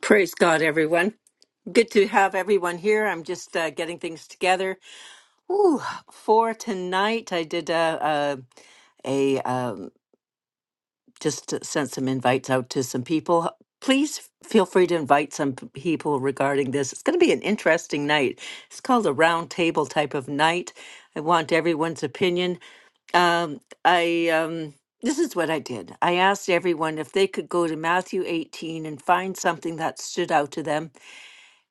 Praise God, everyone. Good to have everyone here. I'm just uh, getting things together. Ooh, for tonight, I did a, a, a um, just sent some invites out to some people. Please feel free to invite some p- people regarding this. It's going to be an interesting night. It's called a round table type of night. I want everyone's opinion. Um, I um, this is what I did. I asked everyone if they could go to Matthew 18 and find something that stood out to them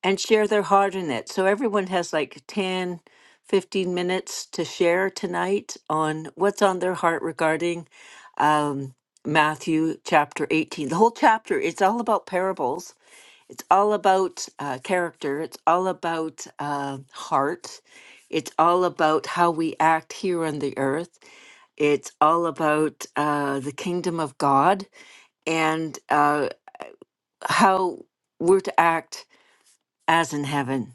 and share their heart in it. So everyone has like 10, 15 minutes to share tonight on what's on their heart regarding um, Matthew chapter 18. The whole chapter, it's all about parables. It's all about uh, character. It's all about uh, heart. It's all about how we act here on the earth. It's all about uh, the kingdom of God and uh, how we're to act as in heaven.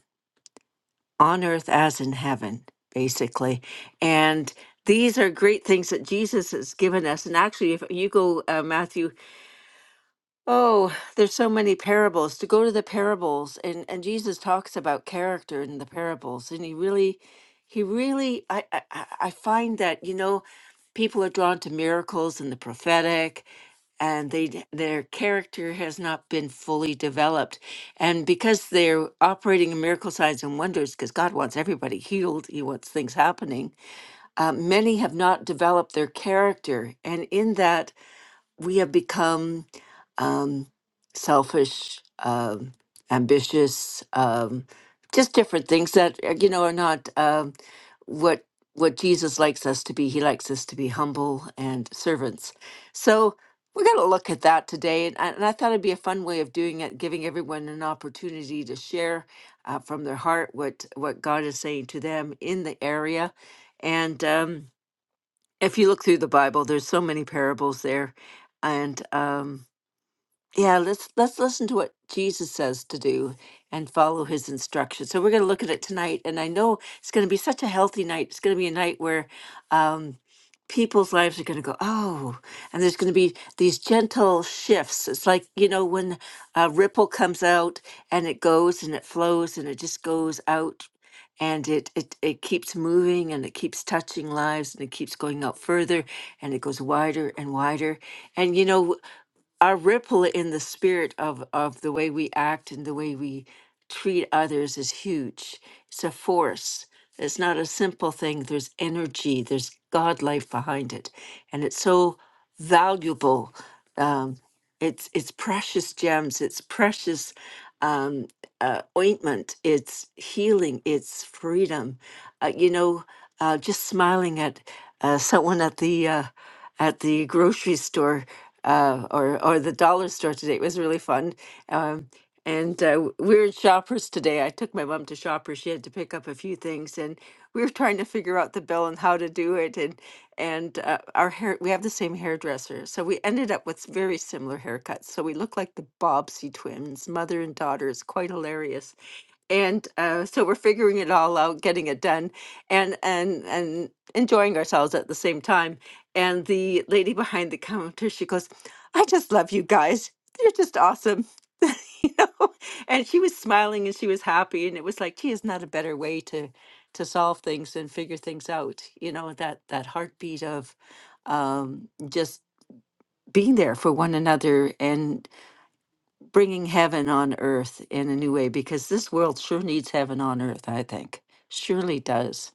on earth as in heaven, basically. And these are great things that Jesus has given us. And actually, if you go, uh, Matthew, oh, there's so many parables. To go to the parables, and, and Jesus talks about character in the parables. And he really, he really, I, I, I I find that, you know, people are drawn to miracles and the prophetic and they their character has not been fully developed and because they're operating in miracle signs and wonders because god wants everybody healed he wants things happening uh, many have not developed their character and in that we have become um, selfish, um, ambitious, um, just different things that uh, you know are not um, what what Jesus likes us to be. He likes us to be humble and servants. So we're going to look at that today, and I, and I thought it'd be a fun way of doing it, giving everyone an opportunity to share uh, from their heart what what God is saying to them in the area, and. Um, if you look through the Bible, there's so many parables there, and um, yeah, let's let's listen to what Jesus says to do and follow His instructions. So we're going to look at it tonight, and I know it's going to be such a healthy night. It's going to be a night where. Um, people's lives are going to go oh and there's going to be these gentle shifts it's like you know when a ripple comes out and it goes and it flows and it just goes out and it, it it keeps moving and it keeps touching lives and it keeps going out further and it goes wider and wider and you know a ripple in the spirit of of the way we act and the way we treat others is huge. It's a force. It's not a simple thing. There's energy. There's God life behind it, and it's so valuable. Um, it's it's precious gems. It's precious um, uh, ointment. It's healing. It's freedom. Uh, you know, uh, just smiling at uh, someone at the uh, at the grocery store uh, or or the dollar store today. It was really fun. Um, and uh, w- we were at Shoppers today. I took my mom to Shoppers. She had to pick up a few things, and we were trying to figure out the bill and how to do it. And and uh, our hair, we have the same hairdresser, so we ended up with very similar haircuts. So we look like the Bobbsey twins, mother and daughter. It's quite hilarious and uh, so we're figuring it all out, getting it done, and and and enjoying ourselves at the same time. And the lady behind the counter, she goes, "I just love you guys. You're just awesome." you know and she was smiling and she was happy and it was like gee is not a better way to to solve things and figure things out you know that that heartbeat of um just being there for one another and bringing heaven on earth in a new way because this world sure needs heaven on earth i think surely does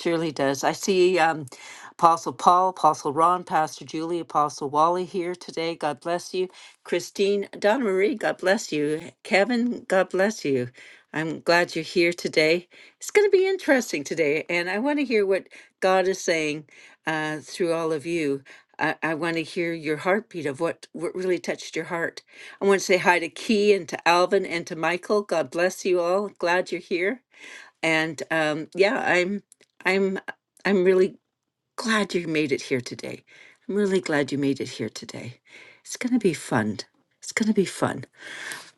surely does i see Um, Apostle Paul, Apostle Ron, Pastor Julie, Apostle Wally here today. God bless you. Christine, Donna Marie, God bless you. Kevin, God bless you. I'm glad you're here today. It's going to be interesting today, and I want to hear what God is saying uh, through all of you. I, I want to hear your heartbeat of what, what really touched your heart. I want to say hi to Key and to Alvin and to Michael. God bless you all. Glad you're here. And um, yeah, I'm I'm I'm really glad you made it here today. I'm really glad you made it here today. It's going to be fun. It's going to be fun.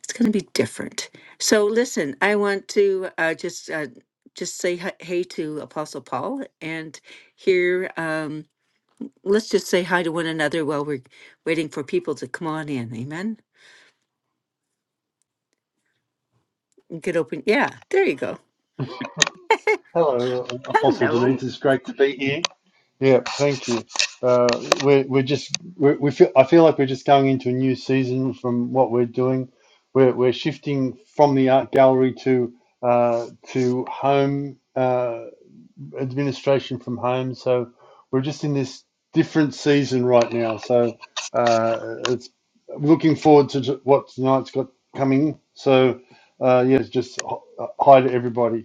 It's going to be different. So listen, I want to uh, just uh, just say hi- hey to Apostle Paul and here um, let's just say hi to one another while we're waiting for people to come on in. Amen. You could open. Yeah, there you go. Hello, Apostle Denise. It's great to be here. Yeah, thank you. Uh, we're we're just we're, we feel I feel like we're just going into a new season from what we're doing. We're we're shifting from the art gallery to uh, to home uh, administration from home. So we're just in this different season right now. So uh, it's looking forward to t- what tonight's got coming. So uh, yes, just h- hi to everybody.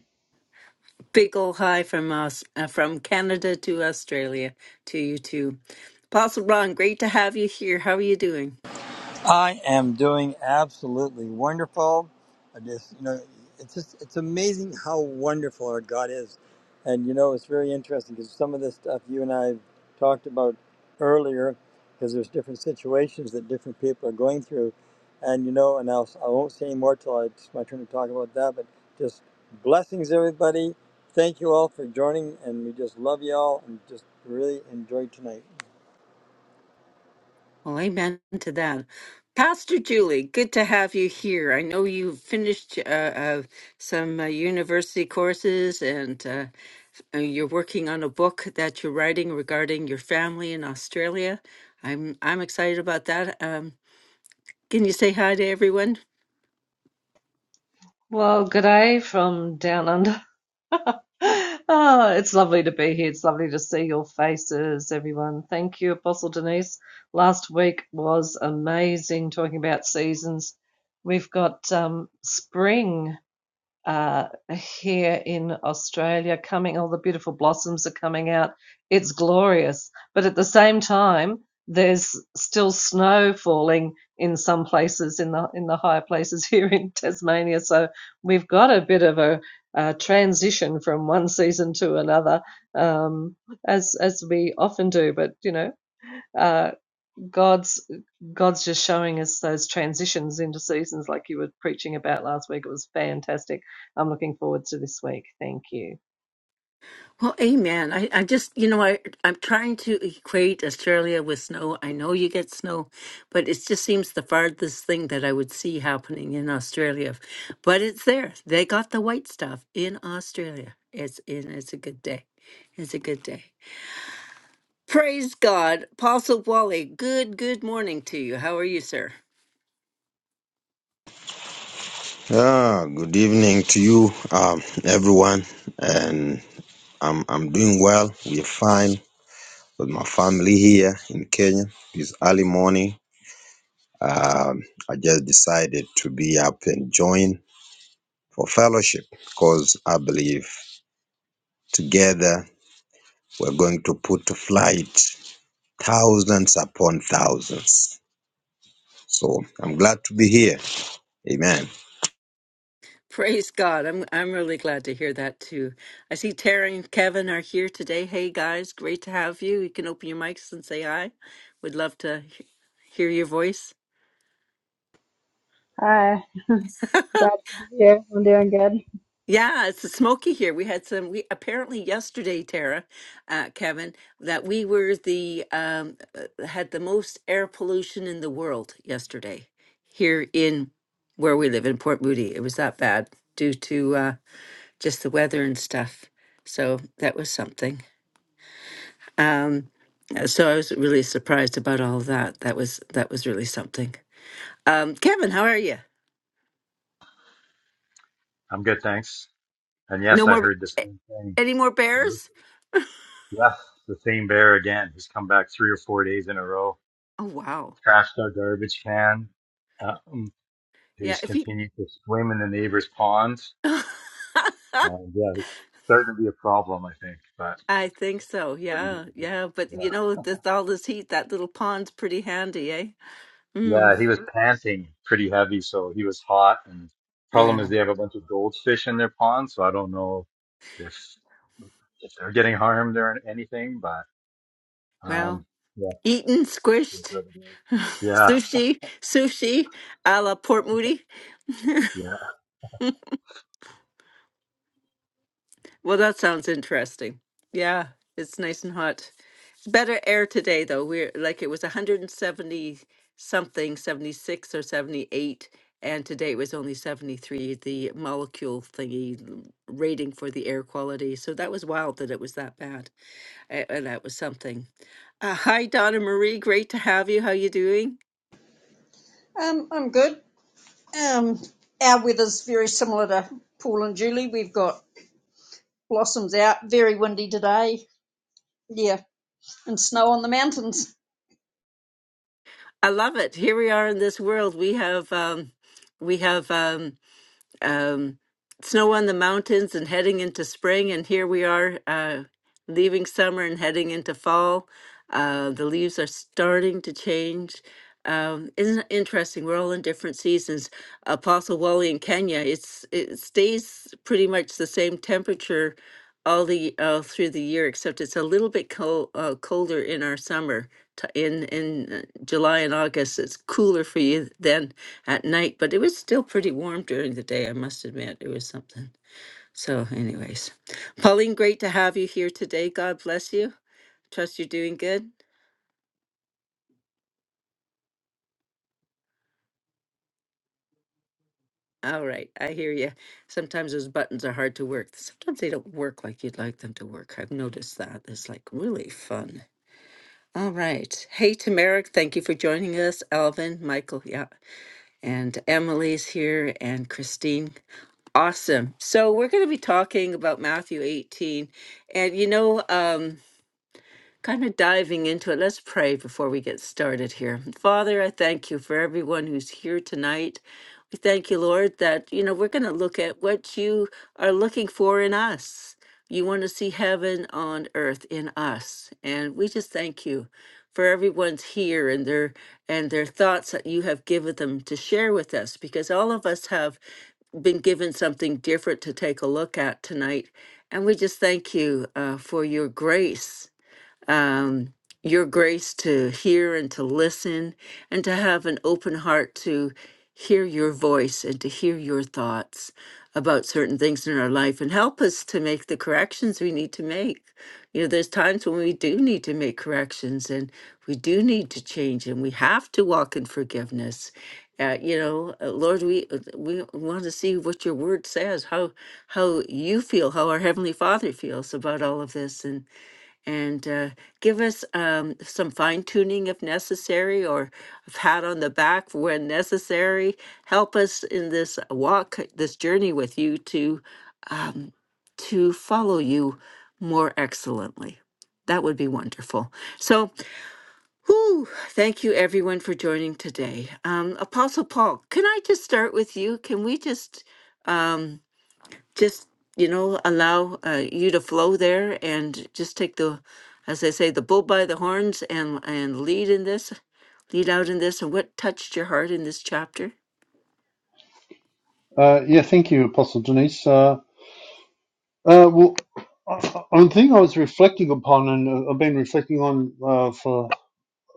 Big ol' hi from us, uh, from Canada to Australia to you too. Apostle Ron, great to have you here. How are you doing? I am doing absolutely wonderful. I just, you know, it's just, it's amazing how wonderful our God is. And, you know, it's very interesting because some of the stuff you and I talked about earlier, because there's different situations that different people are going through. And, you know, and I'll, I won't say any more till I- it's my turn to talk about that, but just blessings, everybody. Thank you all for joining, and we just love you all and just really enjoy tonight. Well, amen to that. Pastor Julie, good to have you here. I know you have finished uh, uh, some uh, university courses and uh, uh, you're working on a book that you're writing regarding your family in Australia. I'm I'm excited about that. Um, can you say hi to everyone? Well, g'day from down under. Ah, it's lovely to be here. It's lovely to see your faces, everyone. Thank you, Apostle Denise. Last week was amazing talking about seasons. We've got um, spring uh, here in Australia coming, all the beautiful blossoms are coming out. It's glorious. But at the same time, there's still snow falling in some places in the in the higher places here in Tasmania. So we've got a bit of a, uh transition from one season to another, um, as as we often do. But you know, uh, God's God's just showing us those transitions into seasons, like you were preaching about last week. It was fantastic. I'm looking forward to this week. Thank you. Well, amen. I, I just, you know, I, I'm trying to equate Australia with snow. I know you get snow, but it just seems the farthest thing that I would see happening in Australia. But it's there. They got the white stuff in Australia. It's in. It's a good day. It's a good day. Praise God. Apostle Wally, good, good morning to you. How are you, sir? Yeah, good evening to you, um, everyone. And I'm I'm doing well. We're fine with my family here in Kenya. This early morning, um, I just decided to be up and join for fellowship because I believe together we're going to put to flight thousands upon thousands. So I'm glad to be here. Amen. Praise God. I'm I'm really glad to hear that too. I see Tara and Kevin are here today. Hey guys, great to have you. You can open your mics and say hi. Would love to he- hear your voice. Hi, glad to be here. I'm doing good. Yeah, it's smoky here. We had some we apparently yesterday, Tara, uh, Kevin, that we were the um uh, had the most air pollution in the world yesterday here in where we live in Port Moody. It was that bad due to uh just the weather and stuff. So that was something. Um, so I was really surprised about all of that. That was that was really something. Um, Kevin, how are you? I'm good, thanks. And yes, No I more heard the a- same thing. any more Dude. bears? Yes, the same bear again. He's come back three or four days in a row, Oh wow. trashed our garbage can. Um, Yeah, he's if you continued to swim in the neighbor's ponds. And yeah, it's starting to be a problem, I think. But I think so. what are you gonna Yeah, do? yeah, but Yeah. you know, with all this heat, that little pond's pretty handy, eh? Mm, Yeah, he was panting pretty heavy, so he was hot. And problem is, yeah. they have a bunch of goldfish in their pond, so I don't know if if they're getting harmed or anything. But um, Well, yeah, eaten, squished, Yeah, sushi, sushi, a la Port Moody. yeah. Well, that sounds interesting. Yeah, it's nice and hot. It's better air today though. We're like it was 170 something, 76 or 78, and today it was only 73, the molecule thingy l- rating for the air quality. So that was wild that it was that bad. a- And that was something. Uh, hi Donna Marie, great to have you. How you doing? Um, I'm good. Um, our weather's very similar to Paul and Julie. We've got blossoms out, very windy today. Yeah, and snow on the mountains. I love it. Here we are in this world. We have um we have um. um, snow on the mountains and heading into spring. And here we are uh, leaving summer and heading into fall. Uh, the leaves are starting to change. Um, isn't it interesting? We're all in different seasons. Apostle Wally in Kenya, it's it stays pretty much the same temperature all the uh, through the year, except it's a little bit cold, uh, colder in our summer. t- In in uh, July and August, it's cooler for you then at night, but it was still pretty warm during the day, I must admit. It was something. So, anyways, Pauline, great to have you here today. God bless you. Trust you're doing good. All right, I hear you. Sometimes those buttons are hard to work. Sometimes they don't work like you'd like them to work. I've noticed that. It's like really fun. All right. Hey, Tamara, thank you for joining us. Alvin, Michael, yeah, and Emily's here, and Christine. Awesome. So, we're going to be talking about Matthew 18. And, you know, um, kind of diving into it, let's pray before we get started here. Father, I thank you for everyone who's here tonight. We thank you, Lord, that, you know, we're going to look at what you are looking for in us. You want to see heaven on earth in us. And we just thank you for everyone's here and their and their thoughts that you have given them to share with us because all of us have been given something different to take a look at tonight. And we just thank you uh, for your grace um, your grace to hear and to listen and to have an open heart to hear your voice and to hear your thoughts about certain things in our life and help us to make the corrections we need to make. You know, there's times when we do need to make corrections and we do need to change and we have to walk in forgiveness. Uh, you know, uh, Lord, we uh, we want to see what your word says, how how you feel, how our heavenly Father feels about all of this, and and uh, give us um, some fine tuning if necessary, or a pat on the back when necessary. Help us in this walk, this journey with you to um, to follow you more excellently. That would be wonderful. So, whew, thank you everyone for joining today. Um, Apostle Paul, can I just start with you? Can we just? um, just you know allow uh, you to flow there and just take the as they say the bull by the horns and and lead in this lead out in this and what touched your heart in this chapter Uh, yeah, thank you, Apostle Denise. Uh, uh, well, I- I- one thing I was reflecting upon, and uh, I've been reflecting on uh, for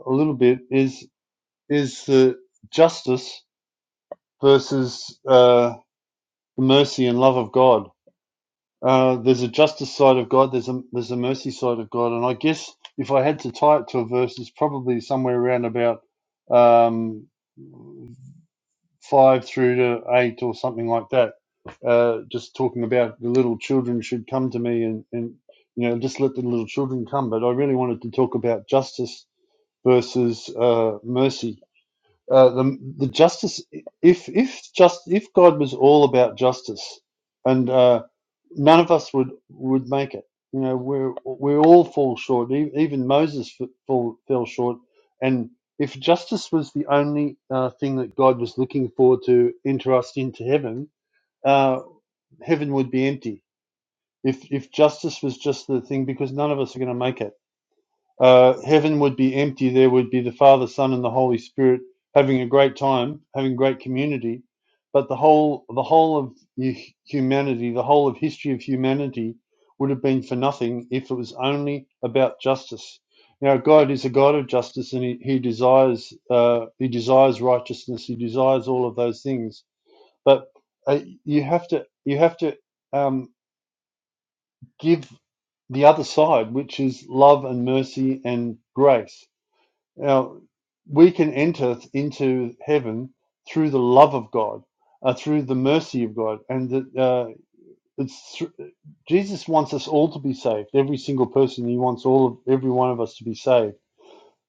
a little bit, is is the justice versus uh, the mercy and love of God. Uh, there's a justice side of God. There's a there's a mercy side of God, and I guess if I had to tie it to a verse, it's probably somewhere around about. um, five through to eight or something like that, uh, just talking about the little children should come to me and, and you know just let the little children come. But I really wanted to talk about justice versus uh, mercy uh, the the justice if if just if God was all about justice and uh, none of us would would make it you know we're we all fall short E- even Moses f- fall, fell short and if justice was the only uh, thing that God was looking for to enter us into heaven uh, heaven would be empty if if justice was just the thing because none of us are going to make it uh, heaven would be empty. There would be the Father, Son, and the Holy Spirit having a great time, having great community. But the whole, the whole of hu- humanity, the whole of history of humanity, would have been for nothing if it was only about justice. Now, God is a God of justice, and He, he desires, uh, He desires righteousness. He desires all of those things. But uh, you have to, you have to um, give the other side, which is love and mercy and grace now, we can enter into heaven through the love of God, uh, through the mercy of God, and that uh, it's thr- Jesus wants us all to be saved. Every single person, He wants all of every one of us to be saved.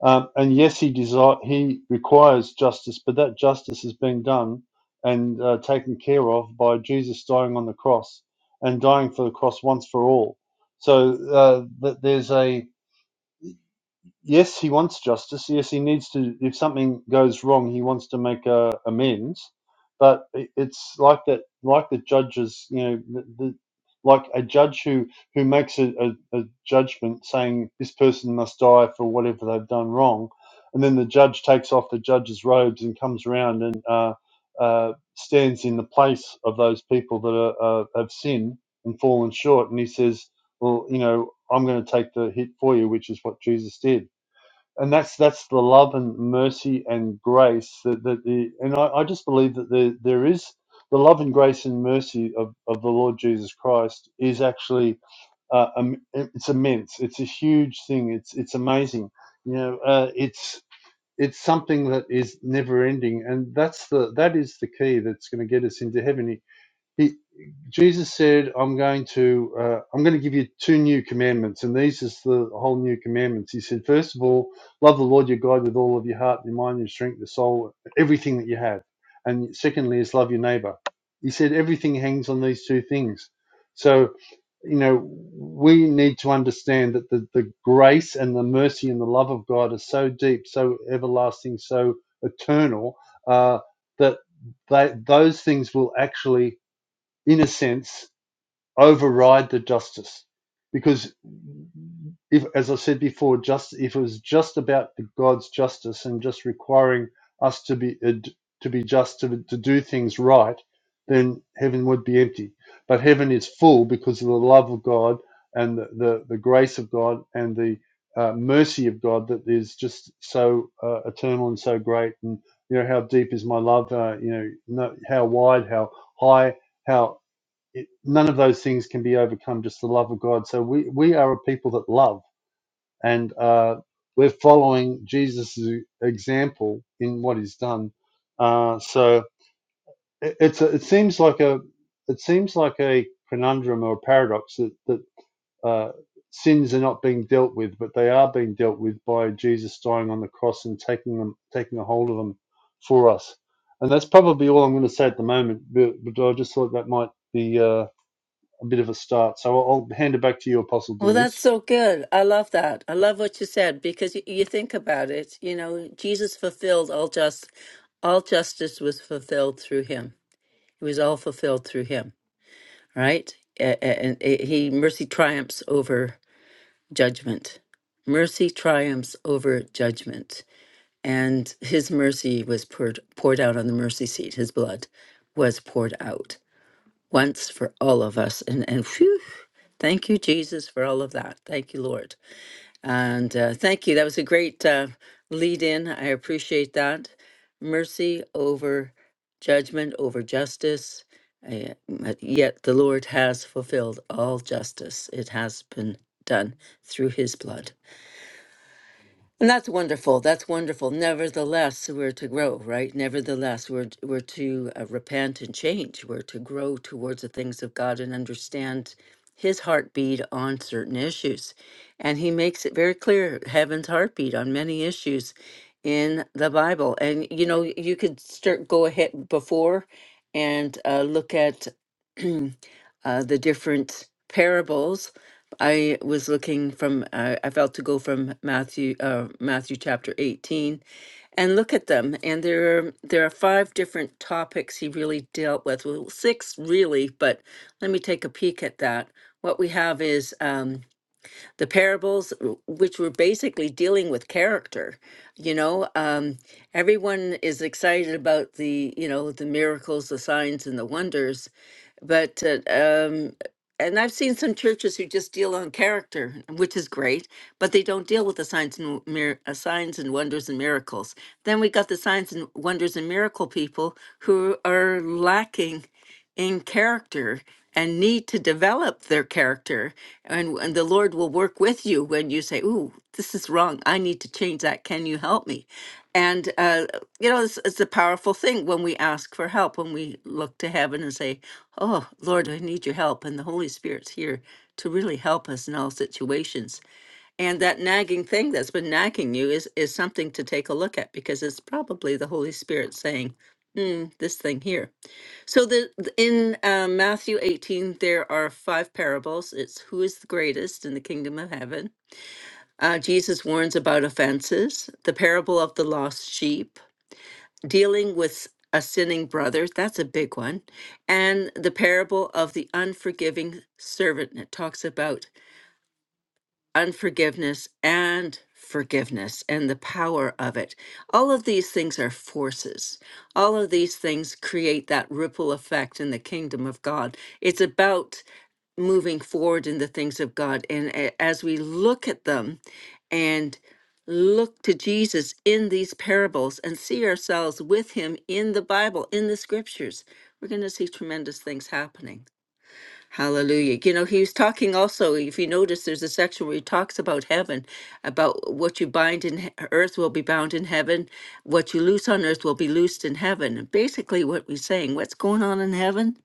Um, and yes, He desire He requires justice, but that justice has been done and uh, taken care of by Jesus dying on the cross and dying for the cross once for all. So uh, that there's a yes, he wants justice. Yes, he needs to. If something goes wrong, he wants to make uh, amends. But i- it's like that, like the judges, you know, the, the, like a judge who who makes a, a, a judgment saying this person must die for whatever they've done wrong, and then the judge takes off the judge's robes and comes around and uh, uh, stands in the place of those people that are, uh, have sinned and fallen short, and he says, "Well, you know, I'm going to take the hit for you," which is what Jesus did and that's that's the love and mercy and grace that, that the and I, I just believe that there there is the love and grace and mercy of, of the Lord Jesus Christ is actually uh, um, it's immense. It's a huge thing. It's it's amazing. You know, uh, it's it's something that is never ending, and that's the that is the key that's going to get us into heaven. He, Jesus said, "I'm going to uh, I'm going to give you two new commandments, and these is the whole new commandments." He said, first of all, love the Lord your God with all of your heart, your mind, your strength, your soul, everything that you have, and secondly is love your neighbor. He said everything hangs on these two things. So, you know, we need to understand that the, the grace and the mercy and the love of God are so deep, so everlasting, so eternal uh, that they, those things will actually in a sense, override the justice. Because if, as I said before, just if it was just about the God's justice and just requiring us to be to be just to, to do things right, then heaven would be empty. But heaven is full because of the love of God and the the, the grace of God and the uh, mercy of God that is just so uh, eternal and so great. And you know how deep is my love? Uh, you know no, how wide, how high, how it, none of those things can be overcome just the love of god so we we are a people that love and uh we're following jesus' example in what he's done uh so it, it's a, it seems like a it seems like a conundrum or a paradox that that uh sins are not being dealt with but they are being dealt with by jesus dying on the cross and taking them taking a hold of them for us and that's probably all i'm going to say at the moment but, but i just thought that might be uh, a bit of a start. So I'll, hand it back to you, Apostle Well, that's Denise. so good. I love that. I love what you said because you, you think about it. You know, Jesus fulfilled all just, all justice was fulfilled through him. It was all fulfilled through him, right? A- a- And it- he mercy triumphs over judgment. Mercy triumphs over judgment. and his mercy was poured, poured out on the mercy seat. His blood was poured out once for all of us. And, and phew, thank you, Jesus, for all of that. Thank you, Lord. And uh, thank you. That was a great uh, lead in. I appreciate that. Mercy over judgment, over justice. Uh, yet the Lord has fulfilled all justice, it has been done through his blood. And that's wonderful. That's wonderful. Nevertheless, we're to grow, right? Nevertheless, we're we're to uh, repent and change. We're to grow towards the things of God and understand His heartbeat on certain issues, and He makes it very clear Heaven's heartbeat on many issues in the Bible. And you know, you could start go ahead before and uh, look at uh, the different parables I was looking from I I felt to go from Matthew uh, Matthew chapter 18 and look at them and there are, there are five different topics he really dealt with well six really but let me take a peek at that what we have is um, the parables w- which were basically dealing with character you know um, everyone is excited about the you know the miracles the signs and the wonders but uh, um and i've seen some churches who just deal on character which is great but they don't deal with the signs and mir- uh, signs and wonders and miracles then we got the signs and wonders and miracle people who are lacking in character and need to develop their character and, and the lord will work with you when you say ooh this is wrong i need to change that can you help me and uh, you know it's, it's a powerful thing when we ask for help when we look to heaven and say Oh, Lord, I need your help. And the Holy Spirit's here to really help us in all situations. And that nagging thing that's been nagging you is, is something to take a look at because it's probably the Holy Spirit saying, Hmm, this thing here. So the th- in uh, Matthew 18, there are five parables. It's who is the greatest in the kingdom of heaven. Uh, Jesus warns about offenses, the parable of the lost sheep, dealing with a sinning brother, that's a big one. And the parable of the unforgiving servant. and It talks about unforgiveness and forgiveness and the power of it. All of these things are forces. All of these things create that ripple effect in the kingdom of God. It's about moving forward in the things of God. And a- as we look at them and look to Jesus in these parables and see ourselves with him in the Bible, in the scriptures, we're going to see tremendous things happening. Hallelujah. You know, he was talking also, if you notice, there's a section where he talks about heaven, about what you bind in he- earth will be bound in heaven, what you loose on earth will be loosed in heaven. And basically, what we're saying, what's going on in heaven?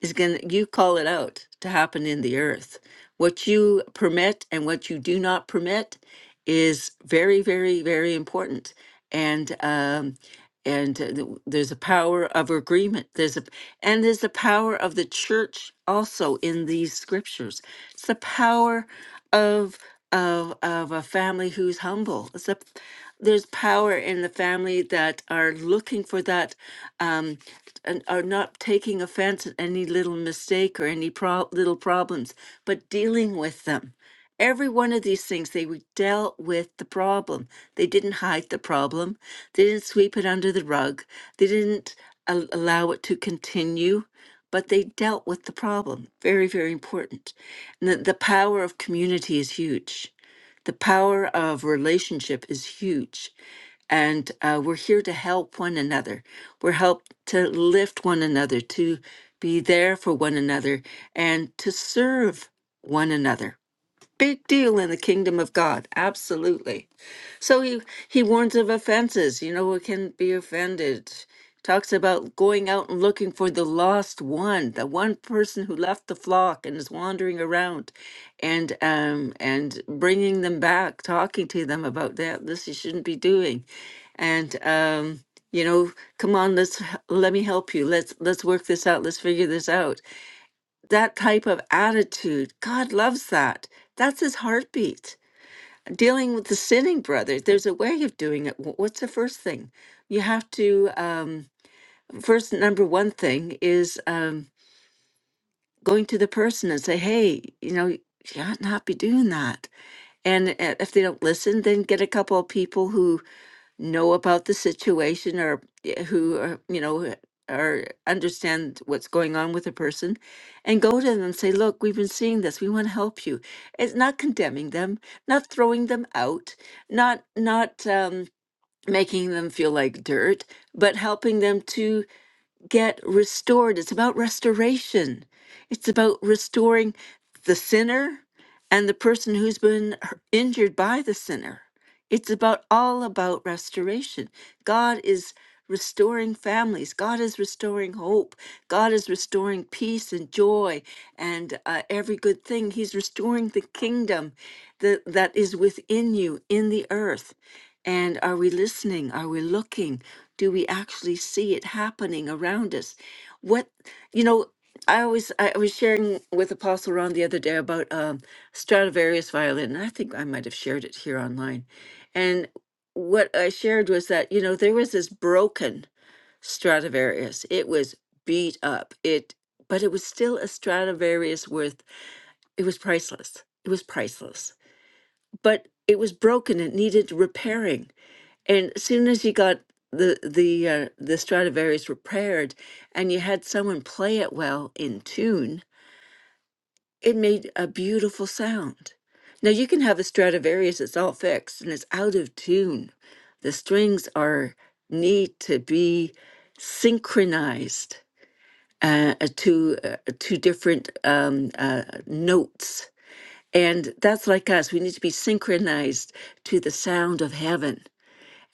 is going to, you call it out to happen in the earth. What you permit and what you do not permit is very, very, very important. And, um, and uh, th- there's a power of agreement. There's a, and there's the power of the church also in these scriptures. It's the power of, of, of a family who's humble. It's the there's power in the family that are looking for that um, and are not taking offense at any little mistake or any pro- little problems, but dealing with them. Every one of these things, they were dealt with the problem. They didn't hide the problem. They didn't sweep it under the rug. They didn't al- allow it to continue, but they dealt with the problem. Very, very important. And the, the power of community is huge the power of relationship is huge. And uh, we're here to help one another. We're helped to lift one another, to be there for one another, and to serve one another. Big deal in the kingdom of God. Absolutely. So he he warns of offenses. You know, we can be offended. Talks about going out and looking for the lost one, the one person who left the flock and is wandering around, and um and bringing them back, talking to them about that. This you shouldn't be doing, and um you know, come on, let's h- let me help you. Let's let's work this out. Let's figure this out. That type of attitude, God loves that. That's his heartbeat dealing with the sinning brother there's a way of doing it Wh- what's the first thing you have to um first number one thing is um going to the person and say hey you know you ought not be doing that and uh, if they don't listen then get a couple of people who know about the situation or yeah, who are, you know eh, or understand what's going on with a person and go to them and say look we've been seeing this we want to help you it's not condemning them not throwing them out not not um, making them feel like dirt but helping them to get restored it's about restoration it's about restoring the sinner and the person who's been h- injured by the sinner it's about all about restoration. God is restoring families. God is restoring hope. God is restoring peace and joy and uh, every good thing. He's restoring the kingdom that, that is within you in the earth. And are we listening? Are we looking? Do we actually see it happening around us? What you know, I always I was sharing with Apostle Ron the other day about um, Stradivarius violin. and I think I might have shared it here online and what I shared was that, you know, there was this broken Stradivarius. It was beat up. It but it was still a Stradivarius worth it was priceless. It was priceless. But it was broken. It needed repairing. And as soon as you got the the uh, the Stradivarius repaired and you had someone play it well in tune, it made a beautiful sound. Now you can have a Stradivarius that's all fixed and it's out of tune. The strings are need to be synchronized uh, uh, to uh, to different um, uh, notes, and that's like us. We need to be synchronized to the sound of heaven.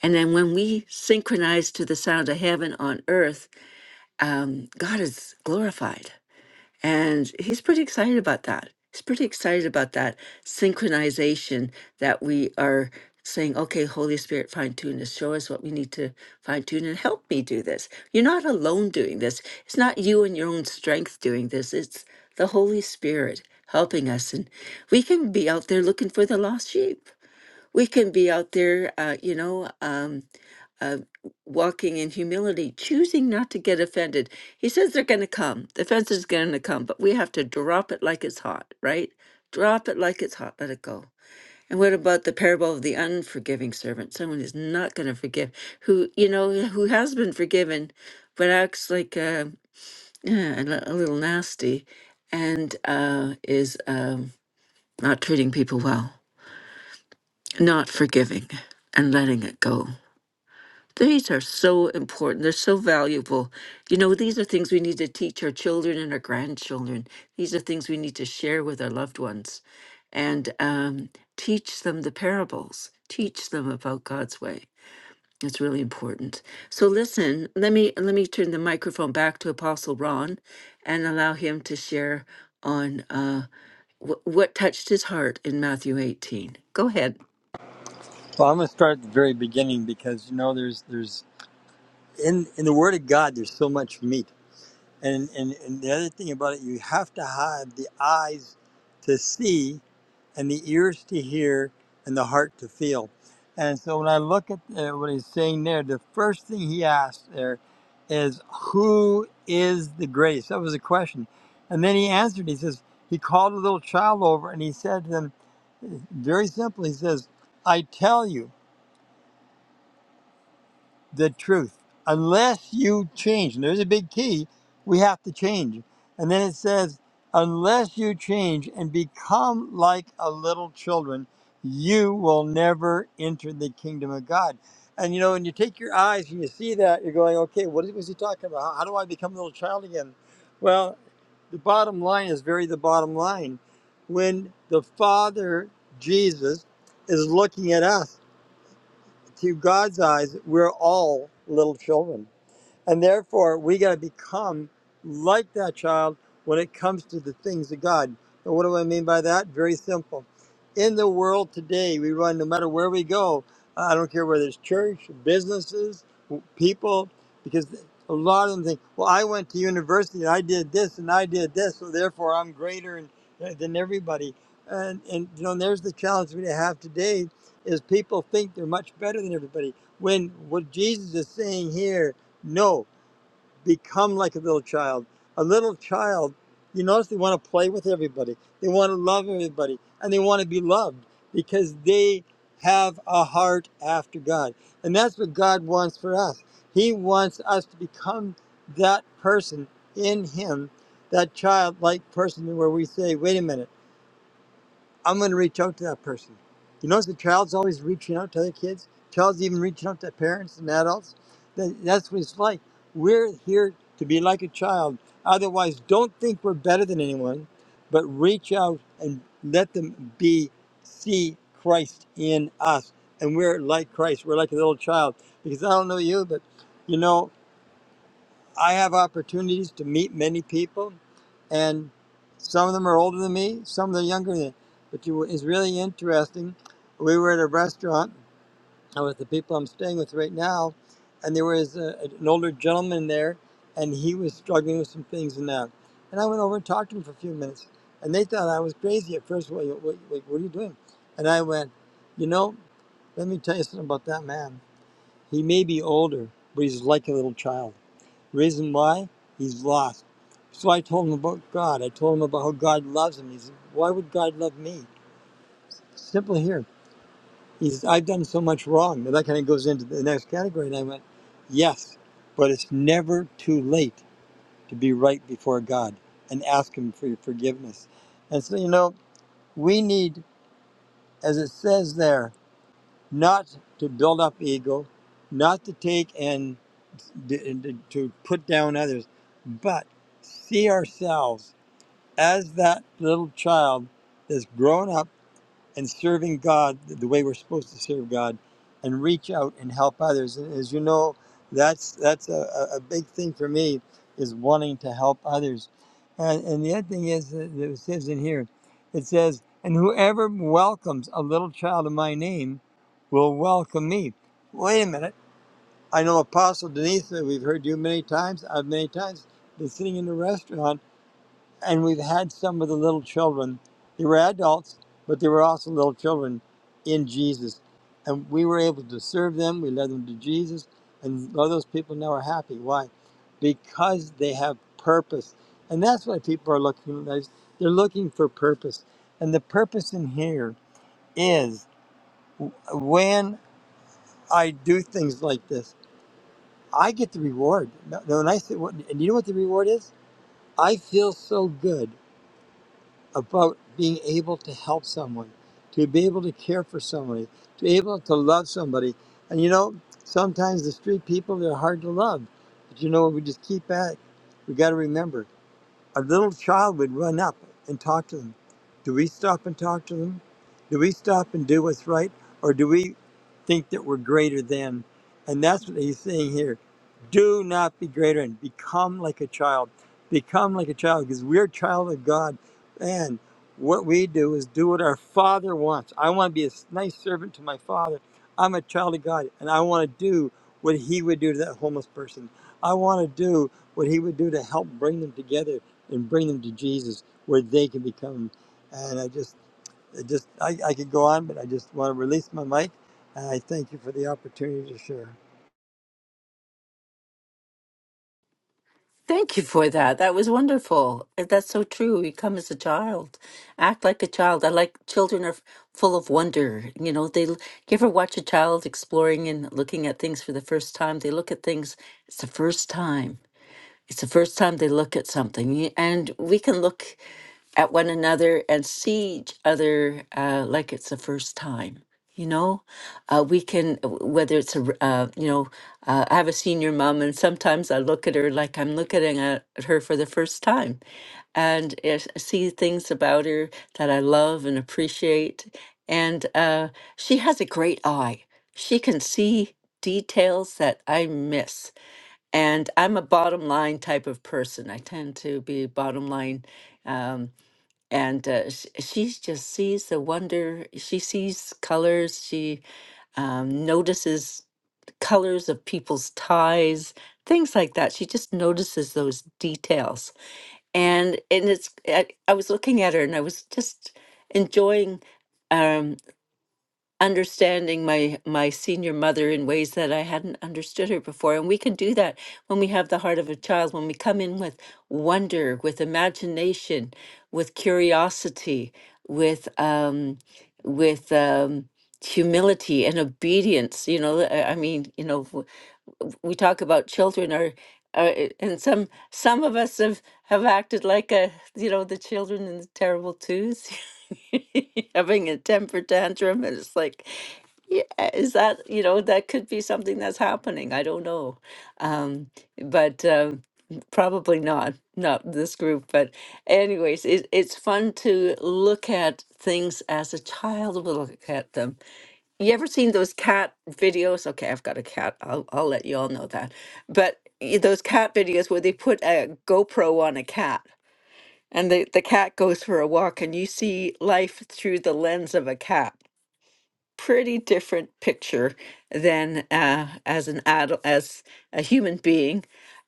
And then when we synchronize to the sound of heaven on earth, um, God is glorified. And he's pretty excited about that. He's pretty excited about that synchronization that we are saying, okay, Holy Spirit, fine tune this. Show us what we need to fine tune and help me do this. You're not alone doing this. It's not you and your own strength doing this. It's the Holy Spirit helping us. And we can be out there looking for the lost sheep. We can be out there, uh, you know. Um, uh, walking in humility, choosing not to get offended. He says they're going to come. The offense is going to come, but we have to drop it like it's hot, right? Drop it like it's hot. Let it go. And what about the parable of the unforgiving servant? Someone who's not going to forgive, who you know who has been forgiven, but acts like uh, yeah, a, li- a little nasty, and uh, is um, not treating people well, not forgiving, and letting it go. These are so important. They're so valuable. You know, these are things we need to teach our children and our grandchildren. These are things we need to share with our loved ones and um, teach them the parables, teach them about God's way. It's really important. So listen, let me let me turn the microphone back to Apostle Ron and allow him to share on uh, wh- what touched his heart in Matthew 18. Go ahead. Well, I'm going to start at the very beginning because, you know, there's, there's, in in the Word of God, there's so much meat. And, and and the other thing about it, you have to have the eyes to see, and the ears to hear, and the heart to feel. And so when I look at uh, what he's saying there, the first thing he asked there is, "Who is the greatest?" That was a question, and then he answered. He says he called a little child over, and he said to them, very simply, he says, "I tell you." the truth. Unless you change, and there's a big key, we have to change. And then it says, unless you change and become like a little children, you will never enter the kingdom of God. And you know, when you take your eyes and you see that, you're going, okay, what was he talking about? How, how do I become a little child again? Well, the bottom line is very the bottom line. When the Father, Jesus, is looking at us, to God's eyes, we're all little children. And therefore, we got to become like that child when it comes to the things of God. And what do I mean by that? Very simple. In the world today, we run no matter where we go. I don't care whether it's church, businesses, people, because a lot of them think, well, I went to university and I did this and I did this, so therefore I'm greater and, uh, than everybody. And, and you know, and there's the challenge we have today is people think they're much better than everybody. When what Jesus is saying here no, become like a little child. A little child, you notice they want to play with everybody. They want to love everybody and they want to be loved because they have a heart after God. And that's what God wants for us. He wants us to become that person in Him, that childlike person where we say, wait a minute. I'm going to reach out to that person. You notice the child's always reaching out to other kids. Child's even reaching out to parents and adults. That- That's what it's like. We're here to be like a child. Otherwise, don't think we're better than anyone, but reach out and let them be see Christ in us. And we're like Christ. We're like a little child. Because I don't know you, but you know, I have opportunities to meet many people and some of them are older than me, some of them are younger than. me. But you, it's really interesting. We were at a restaurant uh, with the people I'm staying with right now, and there was a, an older gentleman there, and he was struggling with some things and that. And I went over and talked to him for a few minutes, and they thought I was crazy at first. What, what, what like, what are you doing? And I went, you know, let me tell you something about that man. He may be older, but he's like a little child. Reason why? He's lost. So I told him about God. I told him about how God loves him. He said, Why would God love me? Simple here. He's I've done so much wrong. And that kind of goes into the next category. And I went, Yes, but it's never too late to be right before God and ask him for your forgiveness. And so, you know, we need, as it says there, not to build up ego, not to take and d- and to put down others, but see ourselves as that little child that's grown up and serving God the way we're supposed to serve God and reach out and help others. And As you know, that's that's a, a a big thing for me is wanting to help others. And, and the other thing is that it says in here, it says, and whoever welcomes a little child in my name will welcome me. Wait a minute. I know Apostle Denise, that we've heard you many times. I've many times been sitting in the restaurant and we've had some of the little children. They were adults, but they were also little children in Jesus. And we were able to serve them. We led them to Jesus. And all those people now are happy. Why? Because they have purpose. And that's why people are looking. They're looking for purpose. And the purpose in here is when I do things like this, I get the reward. No- no, When I say, what- and you know what the reward is? I feel so good about being able to help someone, to be able to care for somebody, to be able to love somebody. And you know, sometimes the street people, they're hard to love. But you know, we just keep at it. We got to remember a little child would run up and talk to them. Do we stop and talk to them? Do we stop and do what's right? Or do we think that we're greater than? And that's what he's saying here. Do not be greater and become like a child. Become like a child because we're a child of God. Man, what we do is do what our Father wants. I want to be a nice servant to my Father. I'm a child of God, and I want to do what He would do to that homeless person. I want to do what He would do to help bring them together and bring them to Jesus, where they can become. And I just, I just, I, I could go on, but I just want to release my mic, and I thank you for the opportunity to share. Thank you for that. That was wonderful. Uh, That's so true. You come as a child, act like a child. I like children are f- full of wonder. You know, they l- you ever watch a child exploring and looking at things for the first time? They look at things, it's the first time. It's the first time they look at something, y- and we can look at one another and see each other uh, like it's the first time. You know, uh, we can w- whether it's a r- uh, you know uh, I have a senior mom, and sometimes I look at her like I'm looking at her for the first time, and uh, s- see things about her that I love and appreciate. And uh, she has a great eye. She can see details that I miss and I'm a bottom line type of person. I tend to be bottom line, um, and uh, sh- she just sees the wonder. She sees colors. She um, notices colors of people's ties, things like that. She just notices those details, and and it's. I, I was looking at her, and I was just enjoying. Um, understanding my my senior mother in ways that I hadn't understood her before and we can do that when we have the heart of a child when we come in with wonder with imagination with curiosity with um with um humility and obedience you know I I mean you know w- we talk about children are uh, and some some of us have have acted like a you know the children in the terrible twos having a temper tantrum and it's like yeah, is that, you know, that could be something that's happening. I don't know. Um, but um, probably not, not this group. But anyways, it, it's fun to look at things as a child will look at them. You ever seen those cat videos? Okay, I've got a cat. I'll, I'll let you all know that. But y- those cat videos where they put a GoPro on a cat and the, the cat goes for a walk and you see life through the lens of a cat pretty different picture than uh, as an adult, as a human being.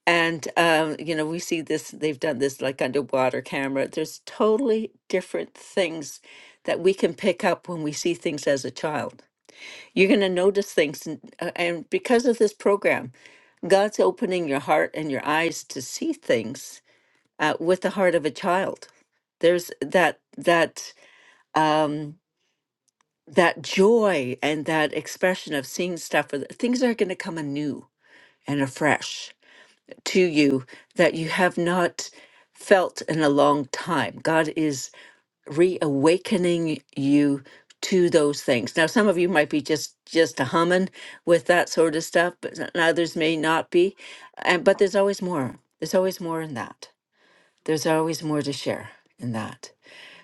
And um, you know, we see this. They've done this like underwater camera. There's totally different things that we can pick up when we see things as a child. You're going to notice things, and, uh, and because of this program, God's opening your heart and your eyes to see things uh, with the heart of a child. There's that that. Um, that joy and that expression of seeing stuff with things are going to come anew and afresh to you that you have not felt in a long time. God is reawakening you to those things. Now, some of you might be just just humming with that sort of stuff, but s- and others may not be. And but there's always more. There's always more in that. There's always more to share in that.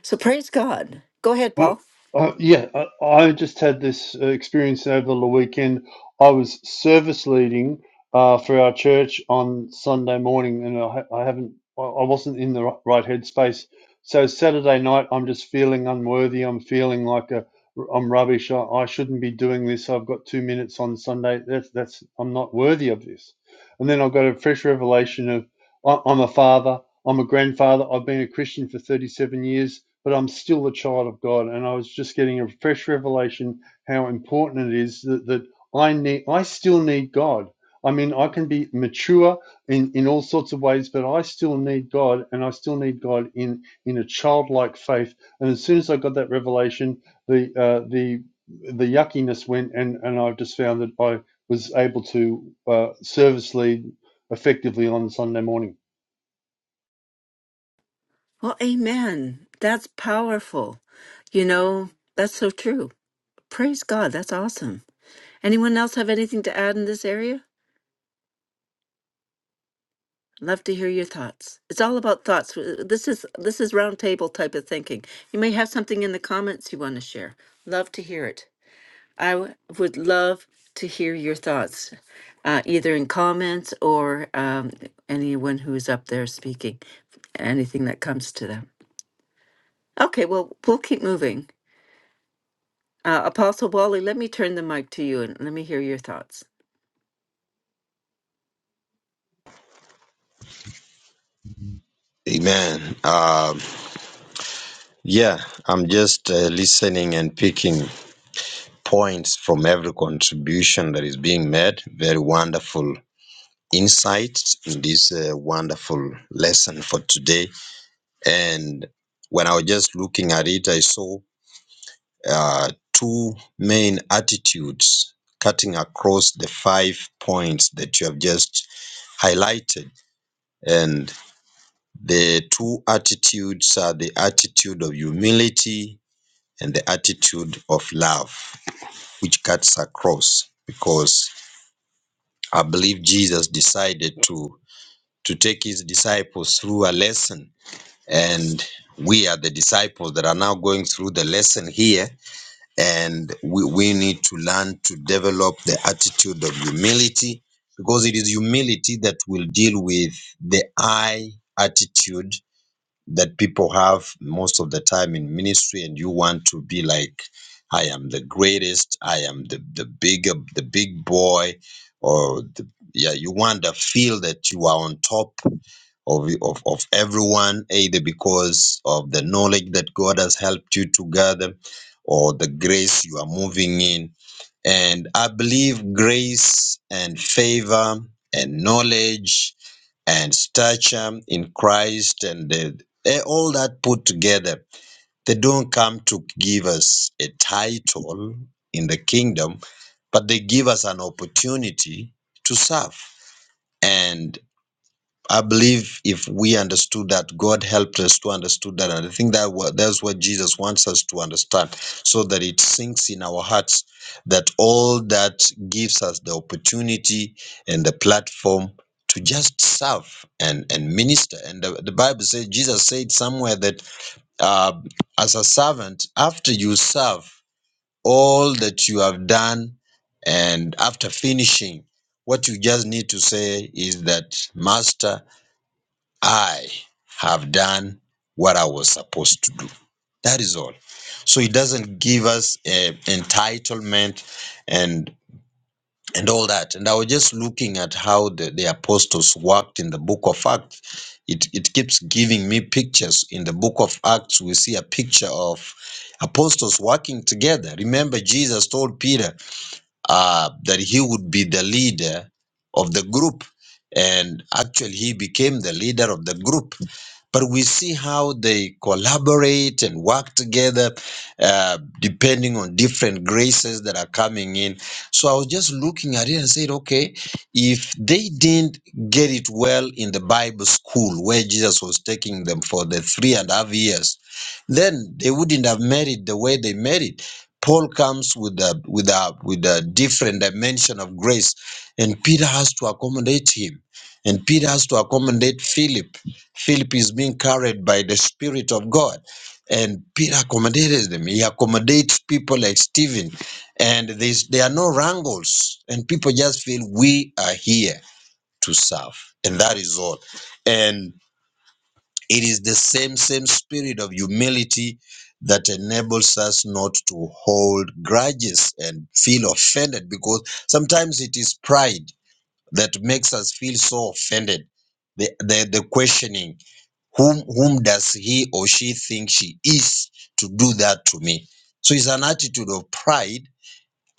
So praise God. Go ahead, Uh, Paul. uh, yeah, I, I just had this uh, experience over the weekend. I was service leading uh, for our church on Sunday morning, and I, ha- I haven't, I I wasn't in the ri- right headspace. So Saturday night, I'm just feeling unworthy. I'm feeling like a, I'm rubbish. I, I shouldn't be doing this. I've got two minutes on Sunday. That's that's I'm not worthy of this. And then I've got a fresh revelation of I, I'm a father. I'm a grandfather. I've been a Christian for 37 years but I'm still the child of God. And I was just getting a fresh revelation how important it is that, that I need, I still need God. I mean, I can be mature in, in all sorts of ways, but I still need God and I still need God in, in a childlike faith. And as soon as I got that revelation, the, uh, the, the yuckiness went and, and I've just found that I was able to uh, service lead effectively on Sunday morning. Well, amen. That's powerful. You know, that's so true. Praise God. That's awesome. Anyone else have anything to add in this area? Love to hear your thoughts. It's all about thoughts. W- This is this is round table type of thinking. You may have something in the comments you want to share. Love to hear it. I w- would love to hear your thoughts, uh, either in comments or um, anyone who is up there speaking, anything that comes to them. Okay, well, we'll keep moving. Uh, Apostle Wally, let me turn the mic to you and let me hear your thoughts. Amen. Um, yeah, I'm just uh, listening and picking points from every contribution that is being made. Very wonderful insights in this uh, wonderful lesson for today. And when I was just looking at it, I saw uh, two main attitudes cutting across the five points that you have just highlighted. And the two attitudes are the attitude of humility and the attitude of love, which cuts across because I believe Jesus decided to to take his disciples through a lesson and we are the disciples that are now going through the lesson here and we, we need to learn to develop the attitude of humility because it is humility that will deal with the I attitude that people have most of the time in ministry and you want to be like i am the greatest i am the the big the big boy or the, yeah you want to feel that you are on top of, of of everyone either because of the knowledge that god has helped you to gather or the grace you are moving in and I believe grace and favor and knowledge and stature in Christ and the, eh, all that put together, they don't come to give us a title in the kingdom, but they give us an opportunity to serve. and. I believe if we understood that, God helped us to understood that, and I think that wa- that's what Jesus wants us to understand, so that it sinks in our hearts that all that gives us the opportunity and the platform to just serve and and minister. And the, the Bible says Jesus said somewhere that uh, as a servant, after you serve all that you have done, and after finishing, what you just need to say is that Master. I have done what I was supposed to do. That is all. So it doesn't give us uh, entitlement and and all that. And I was just looking at how the, the apostles worked in the book of Acts. It, it keeps giving me pictures. In the book of Acts, we see a picture of apostles working together. Remember, Jesus told Peter, uh, that he would be the leader of the group. And actually, he became the leader of the group. But we see how they collaborate and work together, uh, depending on different graces that are coming in. So I was just looking at it and said, okay, if they didn't get it well in the Bible school where Jesus was taking them for the three and a half years, then they wouldn't have married the way they married Paul comes with a with a with a different dimension of grace, and Peter has to accommodate him, and Peter has to accommodate Philip. Philip is being carried by the Spirit of God, and Peter accommodated them. He accommodates people like Stephen, and there's, there are no wrangles, and people just feel we are here to serve, and that is all. And it is the same, same spirit of humility that enables us not to hold grudges and feel offended because sometimes it is pride that makes us feel so offended. The, the, the questioning, whom, whom does he or she think she is to do that to me? So it's an attitude of pride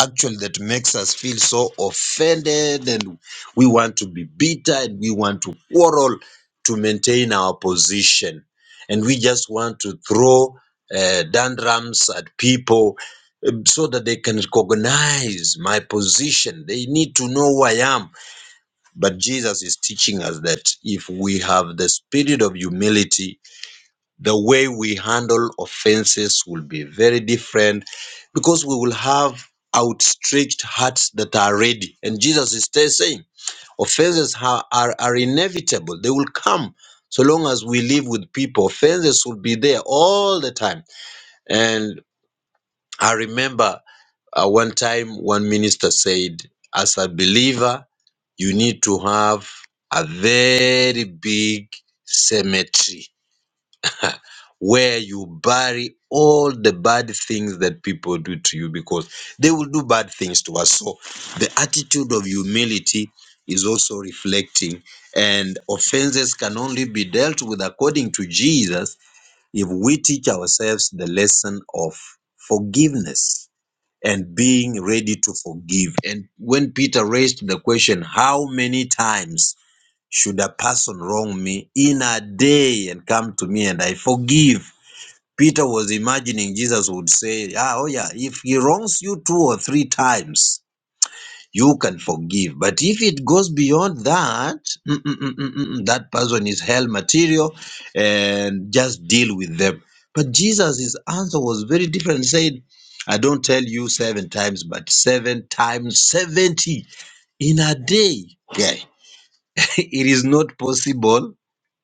actually that makes us feel so offended and we want to be bitter and we want to quarrel to maintain our position. And we just want to throw uh, dandrums at people um, so that they can recognize my position. They need to know who I am. But Jesus is teaching us that if we have the spirit of humility, the way we handle offenses will be very different because we will have outstretched hearts that are ready. And Jesus is still saying offenses ha- are, are inevitable, they will come. So long as we live with people, offenses will be there all the time. And I remember uh, one time one minister said, as a believer, you need to have a very big cemetery Ha, where you bury all the bad things that people do to you because they will do bad things to us. So the attitude of humility is also reflecting, and offenses can only be dealt with according to Jesus if we teach ourselves the lesson of forgiveness and being ready to forgive. And when Peter raised the question, How many times should a person wrong me in a day and come to me and I forgive? Peter was imagining Jesus would say, ah, Oh, yeah, if he wrongs you two or three times, you can forgive. But if it goes beyond that, mm, mm, mm, mm, mm, mm, that person is hell material and just deal with them. But Jesus' his answer was very different, saying, I don't tell you seven times, but seven times 70 in a day. Yeah. it is not possible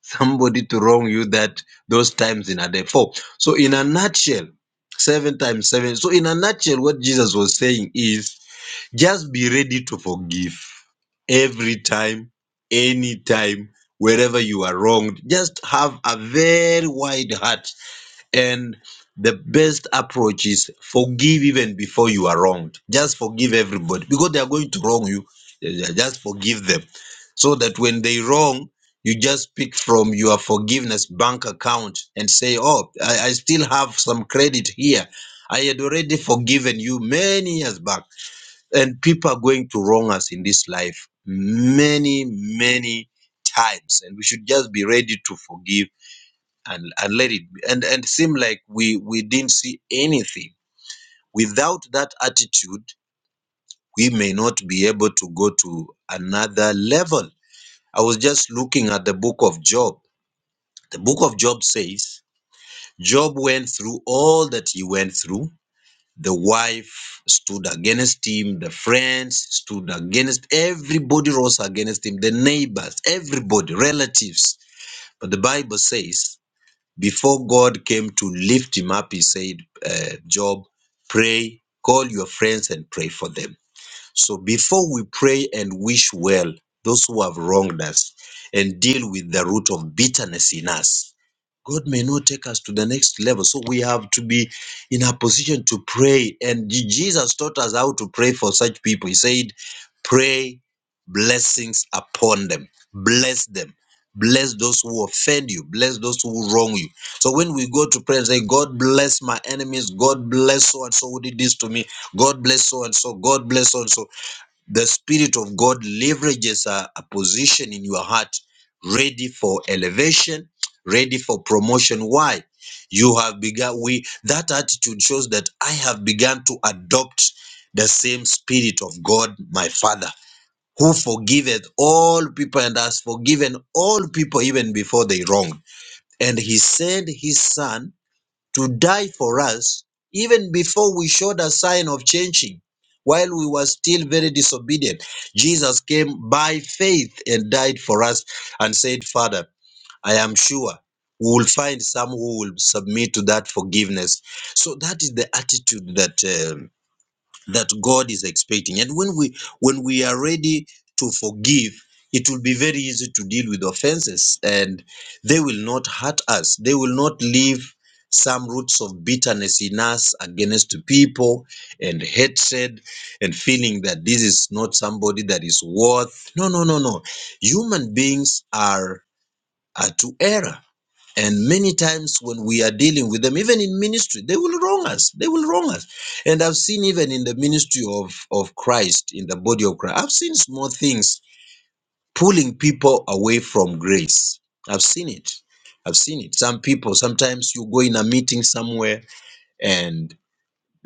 somebody to wrong you that those times in a day. Four. So in a nutshell, seven times seven. So in a nutshell, what Jesus was saying is just be ready to forgive every time, any time, wherever you are wronged. Just have a very wide heart and the best approach is forgive even before you are wronged. Just forgive everybody because they are going to wrong you. Eh, eh, Just forgive them so that when they wrong, you just pick from your forgiveness bank account and say, Oh, I, I still have some credit here. I had already forgiven you many years back. And people are going to wrong us in this life many, many times. And we should just be ready to forgive and and let it be. and and seem like we we didn't see anything without that attitude we may not be able to go to another level i was just looking at the book of job the book of job says job went through all that he went through the wife stood against him the friends stood against everybody rose against him the neighbors everybody relatives but the bible says Before God came to lift him up, he said, uh, Job, pray, call your friends and pray for them. So before we pray and wish well those who have wronged us and deal with the root of bitterness in us, God may not take us to the next level. So we have to be in a position to pray. And Je- Jesus taught us how to pray for such people. He said, Pray blessings upon them, bless them. Bless those who offend you. Bless those who wrong you. So when we go to pray and say, God bless my enemies, God bless so and so who did this to me, God bless so and so. God bless so and so. The Spirit of God leverages a, a position in your heart ready for elevation, ready for promotion. Why? You have begun, we, that attitude shows that I have begun to adopt the same Spirit of God, my Father, who forgiveth all people and has forgiven all people even before they wrong. And He sent His Son to die for us even before we showed a sign of changing while we were still very disobedient jesus came by faith and died for us and said father i am sure we will find some who will submit to that forgiveness so that is the attitude that uh, that God is expecting. And when we when we are ready to forgive, it will be very easy to deal with offenses and they will not hurt us. They will not leave some roots of bitterness in us against people and hatred and feeling that this is not somebody that is worth. No, no, no, no. Human beings are, are to error and many times when we are dealing with them, even in ministry, they will wrong us. They will wrong us. And I've seen even in the ministry of, of Christ, in the body of Christ, I've seen small things pulling people away from grace. I've seen it. I've seen it. Some people, sometimes you go in a meeting somewhere and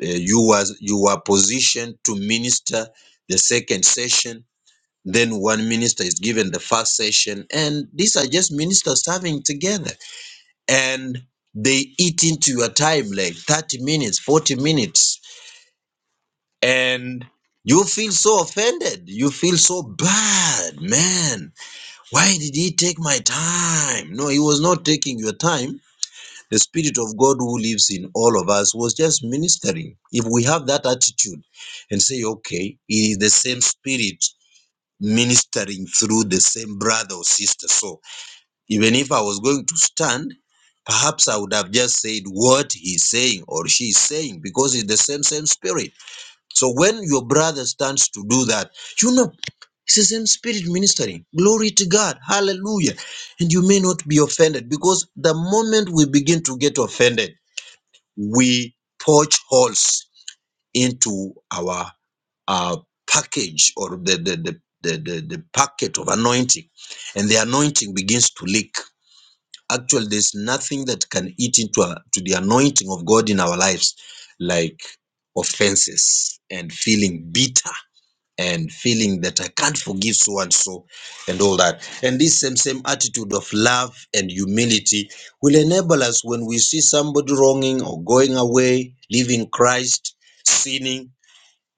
uh, you was you are positioned to minister the second session. Then one minister is given the first session. And these are just ministers serving together and they eat into your time like 30 minutes 40 minutes and you feel so offended you feel so bad man why did he take my time no he was not taking your time the spirit of god who lives in all of us was just ministering if we have that attitude and say okay it is the same spirit ministering through the same brother or sister so even if I was going to stand, perhaps I would have just said what he's saying or she's saying because it's the same, same spirit. So when your brother stands to do that, you know, it's the same spirit ministering. Glory to God. Hallelujah. And you may not be offended because the moment we begin to get offended, we poach holes into our uh, package or the, the, the, the, the, the packet of anointing, and the anointing begins to leak Actually, there's nothing that can eat into our, to the anointing of God in our lives, like offenses and feeling bitter and feeling that I can't forgive so and so and all that. And this same same attitude of love and humility will enable us when we see somebody wronging or going away, leaving Christ, sinning.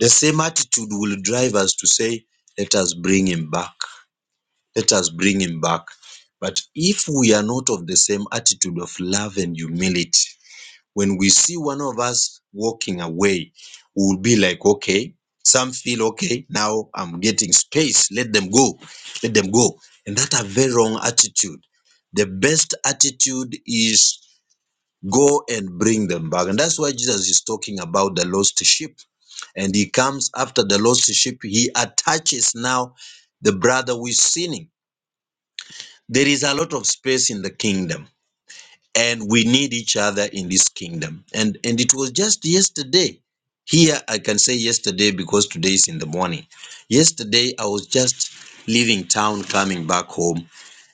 The same attitude will drive us to say, "Let us bring him back." let us bring him back. But if we are not of the same attitude of love and humility, when we see one of us walking away, we will be like, okay, some feel okay, now I'm getting space, let them go, let them go. And that's a very wrong attitude. The best attitude is go and bring them back. And that's why Jesus is talking about the lost sheep. And he comes after the lost sheep, he attaches now the brother who is sinning there is a lot of space in the kingdom and we need each other in this kingdom and and it was just yesterday here i can say yesterday because today is in the morning yesterday i was just leaving town coming back home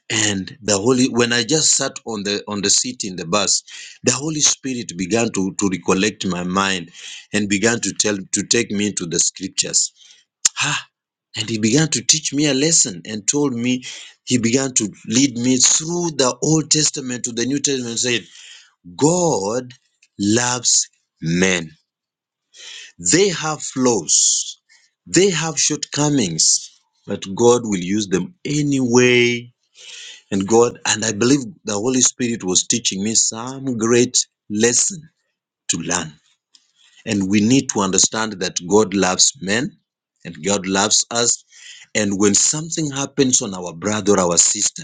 and the holy when i just sat on the on the seat in the bus the holy spirit began to to recollect my mind and began to tell to take me to the scriptures Ah, and he began to teach me a lesson and told me, he began to lead me through the Old Testament to the New Testament, said, God loves men. They have flaws, they have shortcomings, but God will use them anyway. And God, and I believe the Holy Spirit was teaching me some great lesson to learn. And we need to understand that God loves men and God loves us. And when something happens on our brother or our sister,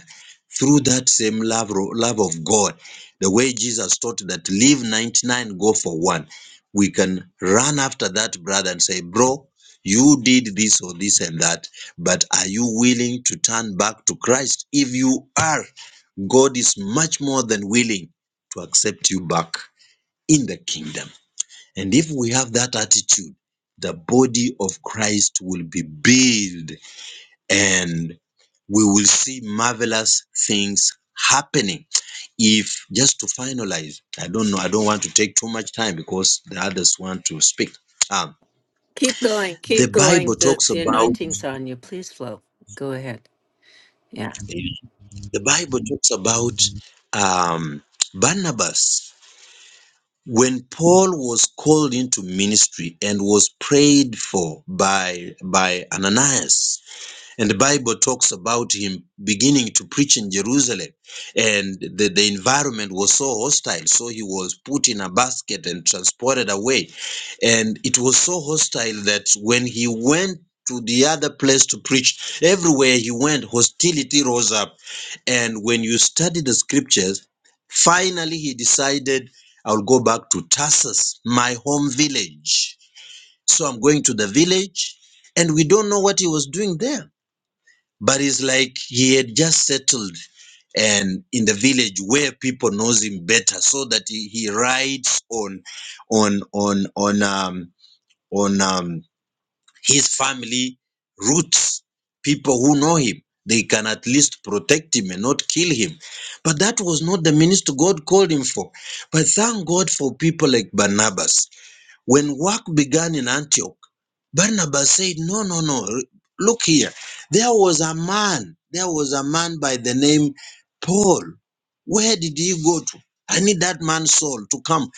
through that same love, love of God, the way Jesus taught that leave 99, go for one, we can run after that brother and say, Bro, you did this or this and that, but are you willing to turn back to Christ? If you are, God is much more than willing to accept you back in the kingdom. And if we have that attitude, the body of Christ will be built and we will see marvelous things happening. If just to finalize, I don't know, I don't want to take too much time because the others want to speak. Um, Keep going, the keep going. Bible The talks the about anointing's on you. Please flow. Go ahead. Yeah. the Bible talks about um, Barnabas. When Paul was called into ministry and was prayed for by by Ananias, And the Bible talks about him beginning to preach in Jerusalem. And the, the environment was so hostile. So he was put in a basket and transported away. And it was so hostile that when he went to the other place to preach, everywhere he went, hostility rose up. And when you study the scriptures, finally he decided, I'll go back to Tarsus, my home village. So I'm going to the village. And we don't know what he was doing there but it's like he had just settled and in the village where people knows him better so that he, he rides on on on on um on um his family roots people who know him they can at least protect him and not kill him but that was not the minister god called him for but thank god for people like barnabas when work began in antioch Barnabas said, No, no, no. Look here. There was a man. There was a man by the name Paul. Where did he go to? I need that man's soul to come.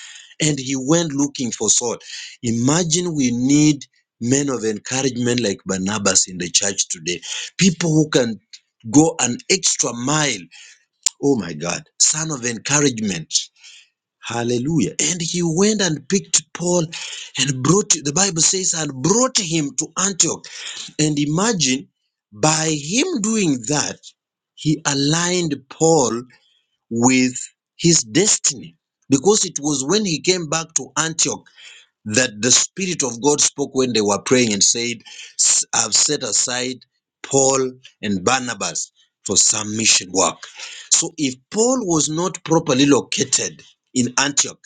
And he went looking for Saul. Imagine we need men of encouragement like Barnabas in the church today. People who can go an extra mile. Oh my God. Son of encouragement. Hallelujah. And he went and picked Paul and brought, the Bible says, and brought him to Antioch. And imagine by him doing that, he aligned Paul with his destiny. Because it was when he came back to Antioch that the Spirit of God spoke when they were praying and said, "S- I've set aside Paul and Barnabas for some mission work. So if Paul was not properly located in Antioch,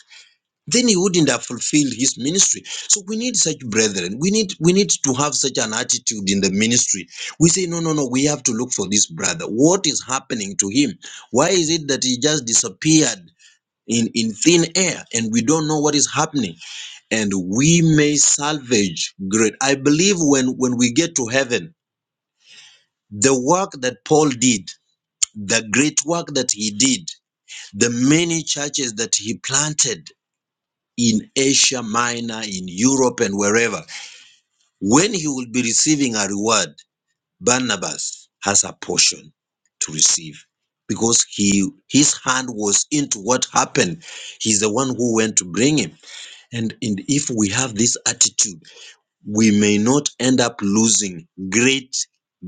then he wouldn't have fulfilled his ministry so we need such brethren we need we need to have such an attitude in the ministry we say no no no we have to look for this brother what is happening to him why is it that he just disappeared in in thin air and we don't know what is happening and we may salvage great i believe when when we get to heaven the work that paul did the great work that he did the many churches that he planted in Asia Minor, in Europe, and wherever, when he will be receiving a reward, Barnabas has a portion to receive because he his hand was into what happened. He's the one who went to bring him. And, and if we have this attitude, we may not end up losing great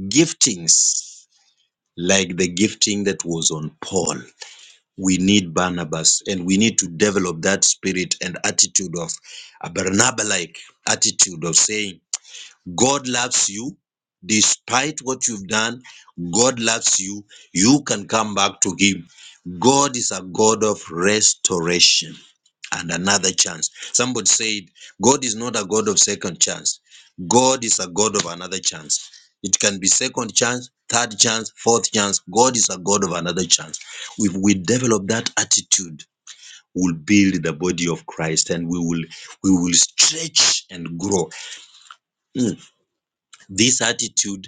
giftings like the gifting that was on Paul we need Barnabas and we need to develop that spirit and attitude of a Barnabas like attitude of saying, God loves you. Despite what you've done, God loves you. You can come back to Him. God is a God of restoration and another chance. Somebody said, God is not a God of second chance. God is a God of another chance. It can be second chance, third chance, fourth chance. God is a God of another chance. If we develop that attitude, we'll build the body of Christ and we will we will stretch and grow. Mm. This attitude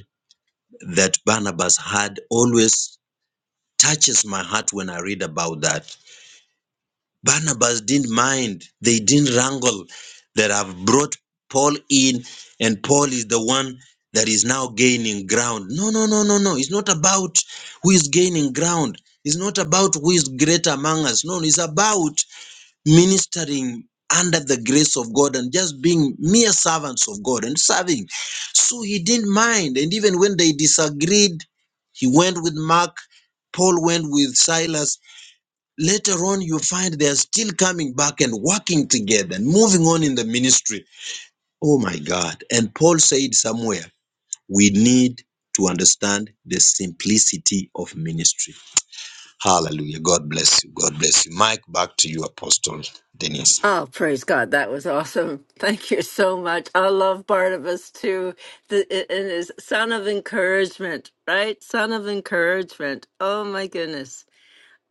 that Barnabas had always touches my heart when I read about that. Barnabas didn't mind, they didn't wrangle that have brought Paul in, and Paul is the one that is now gaining ground. No, no, no, no, no. It's not about who is gaining ground. It's not about who is great among us. No, it's about ministering under the grace of God and just being mere servants of God and serving. So he didn't mind. And even when they disagreed, he went with Mark, Paul went with Silas. Later on, you find they are still coming back and working together and moving on in the ministry. Oh my God. And Paul said somewhere, we need to understand the simplicity of ministry. Hallelujah. God bless you. God bless you. Mike, back to you, Apostle Denise. Oh, praise God. That was awesome. Thank you so much. I love Barnabas too. The, and his son of encouragement, right? Son of encouragement. Oh my goodness.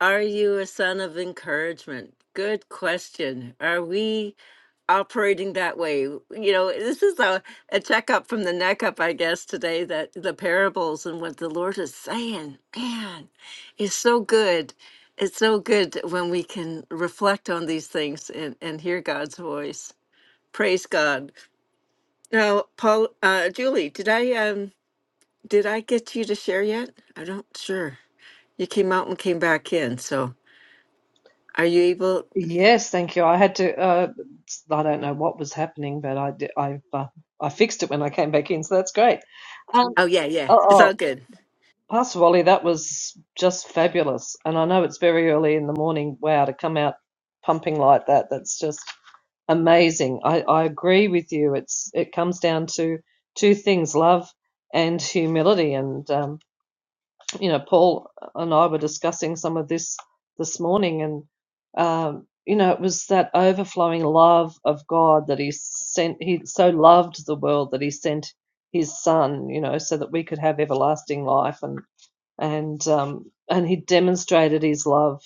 Are you a son of encouragement? Good question. Are we operating that way? You know, this is a, a checkup from the neck up, I guess, today that the parables and what the Lord is saying, man, is so good. It's so good when we can reflect on these things and, and hear God's voice. Praise God. Now, Paul, uh, Julie, did I um did I get you to share yet? I don't sure. You came out and came back in, so are you able? Yes, thank you. I had to. Uh, I don't know what was happening, but I I uh, I fixed it when I came back in, so that's great. Um, Oh yeah, yeah. oh, It's oh all good. Pasquale, that was just fabulous. And I know it's very early in the morning. Wow, to come out pumping like that, that's just amazing. I, I agree with you. It's it comes down to two things, love and humility. And um, you know, Paul and I were discussing some of this this morning, and um, you know, it was that overflowing love of God that He sent. He so loved the world that He sent His Son. You know, so that we could have everlasting life and and um, and he demonstrated his love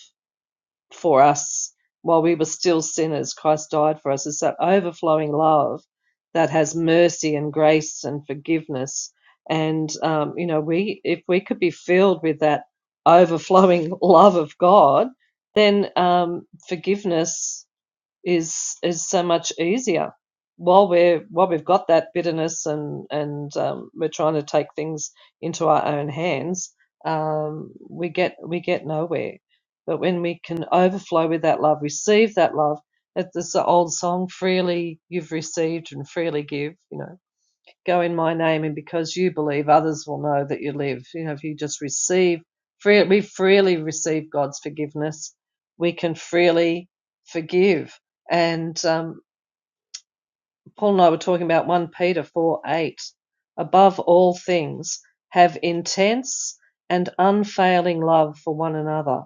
for us while we were still sinners. Christ died for us. It's that overflowing love that has mercy and grace and forgiveness. And um, you know, we if we could be filled with that overflowing love of God, then um, forgiveness is is so much easier while we're while we've got that bitterness and and um, we're trying to take things into our own hands um, we get we get nowhere but when we can overflow with that love receive that love it's it's the old song freely you've received and freely give you know go in my name and because you believe others will know that you live you know if you just receive free, we freely receive god's forgiveness we can freely forgive and um, paul and i were talking about 1 peter 4 8 above all things have intense and unfailing love for one another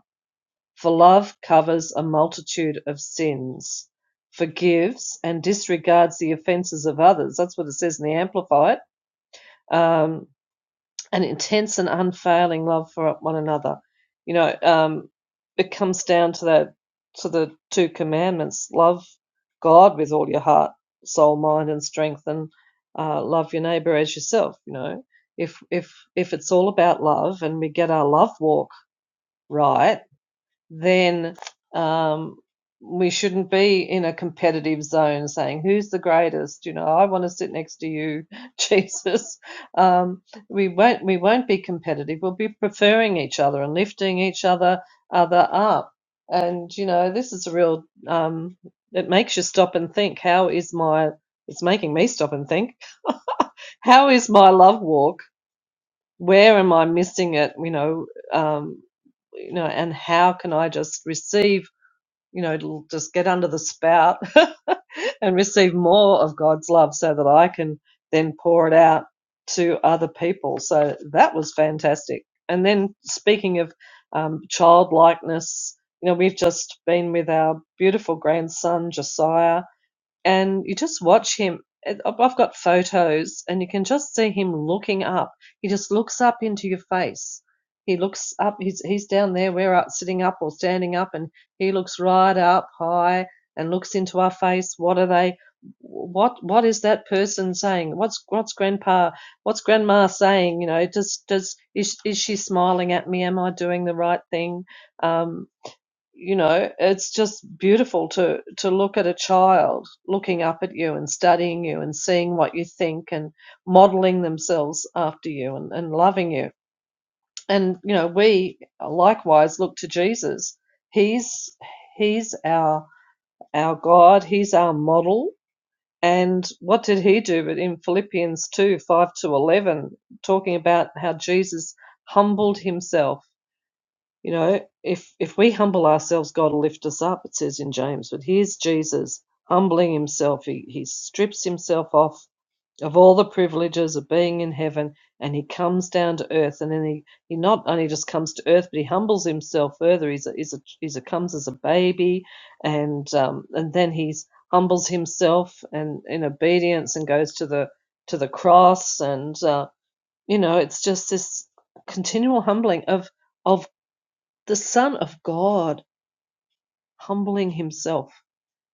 for love covers a multitude of sins forgives and disregards the offenses of others that's what it says in the amplified um, an intense and unfailing love for one another. You know, um, it comes down to that to the two commandments: love God with all your heart, soul, mind, and strength, and uh, love your neighbor as yourself. You know, if if if it's all about love and we get our love walk right, then um, we shouldn't be in a competitive zone saying who's the greatest. You know, I want to sit next to you, Jesus. Um, we won't we won't be competitive. We'll be preferring each other and lifting each other other up. And you know, this is a real. Um, it makes you stop and think. How is my? It's making me stop and think. How is my love walk? Where am I missing it? You know, um, you know, and how can I just receive? you know, it'll just get under the spout and receive more of God's love so that I can then pour it out to other people. So that was fantastic. And then speaking of um, childlikeness, you know, we've just been with our beautiful grandson, Josiah, and you just watch him. I've got photos, and you can just see him looking up. He just looks up into your face. He looks up. He's he's down there. We're up, sitting up or standing up, and he looks right up high and looks into our face. What are they? What what is that person saying? What's what's grandpa? What's grandma saying? You know, does does is is she smiling at me? Am I doing the right thing? Um, you know it's just beautiful to to look at a child looking up at you and studying you and seeing what you think and modeling themselves after you and, and loving you and you know we likewise look to jesus he's he's our our god he's our model and what did he do but in philippians 2 5 to 11 talking about how jesus humbled himself you know, if if we humble ourselves, God will lift us up, it says in James. But here's Jesus humbling himself. He he strips himself off of all the privileges of being in heaven and he comes down to earth and then he, he not only just comes to earth but he humbles himself further he's a, he's a, he's a comes as a baby and um, and then he's humbles himself and in obedience and goes to the to the cross and uh, you know it's just this continual humbling of of the Son of God humbling himself.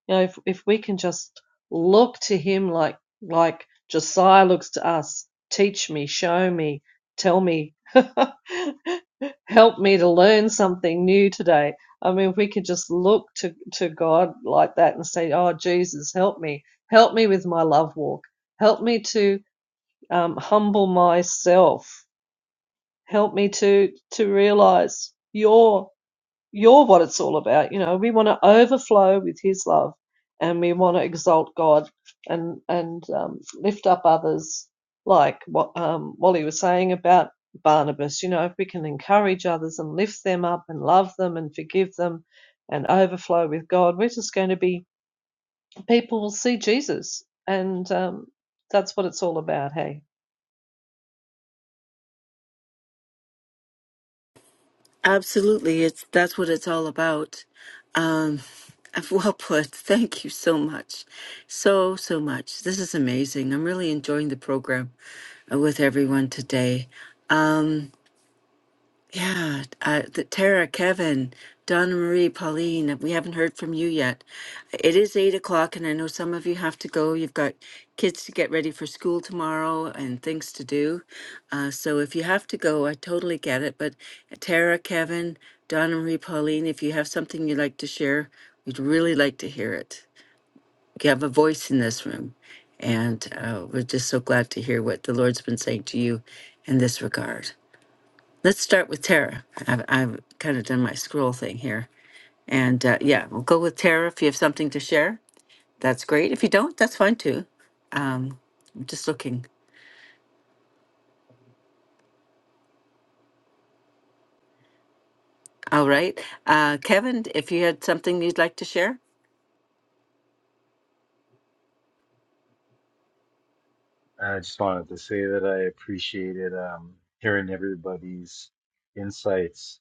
You know, if, if we can just look to him like like Josiah looks to us, teach me, show me, tell me, help me to learn something new today. I mean, if we could just look to, to God like that and say, Oh, Jesus, help me. Help me with my love walk. Help me to um, humble myself. Help me to, to realize Your." You're what it's all about. You know, we want to overflow with His love, and we want to exalt God and and um, lift up others. Like what um, Wally was saying about Barnabas, you know, if we can encourage others and lift them up and love them and forgive them, and overflow with God, we're just going to be people will see Jesus, and um, that's what it's all about. Hey, Absolutely. It's that's what it's all about. Um well put. Thank you so much. So so much. This is amazing. I'm really enjoying the program uh, with everyone today. Yeah, uh, the Tara, Kevin, Donna Marie, Pauline, we haven't heard from you yet. It is eight o'clock, and I know some of you have to go. You've got kids to get ready for school tomorrow and things to do. Uh, so if you have to go, I totally get it. But Tara, Kevin, Donna Marie, Pauline, if you have something you'd like to share, we'd really like to hear it. You have a voice in this room, and uh, we're just so glad to hear what the Lord's been saying to you in this regard. Let's start with Tara. I've, I've kind of done my scroll thing here. And uh, yeah, we'll go with Tara. If you have something to share, that's great. If you don't, that's fine too. Um, I'm just looking. All right. Uh, Kevin, if you had something you'd like to share? I just wanted to say that I appreciated um, hearing everybody's insights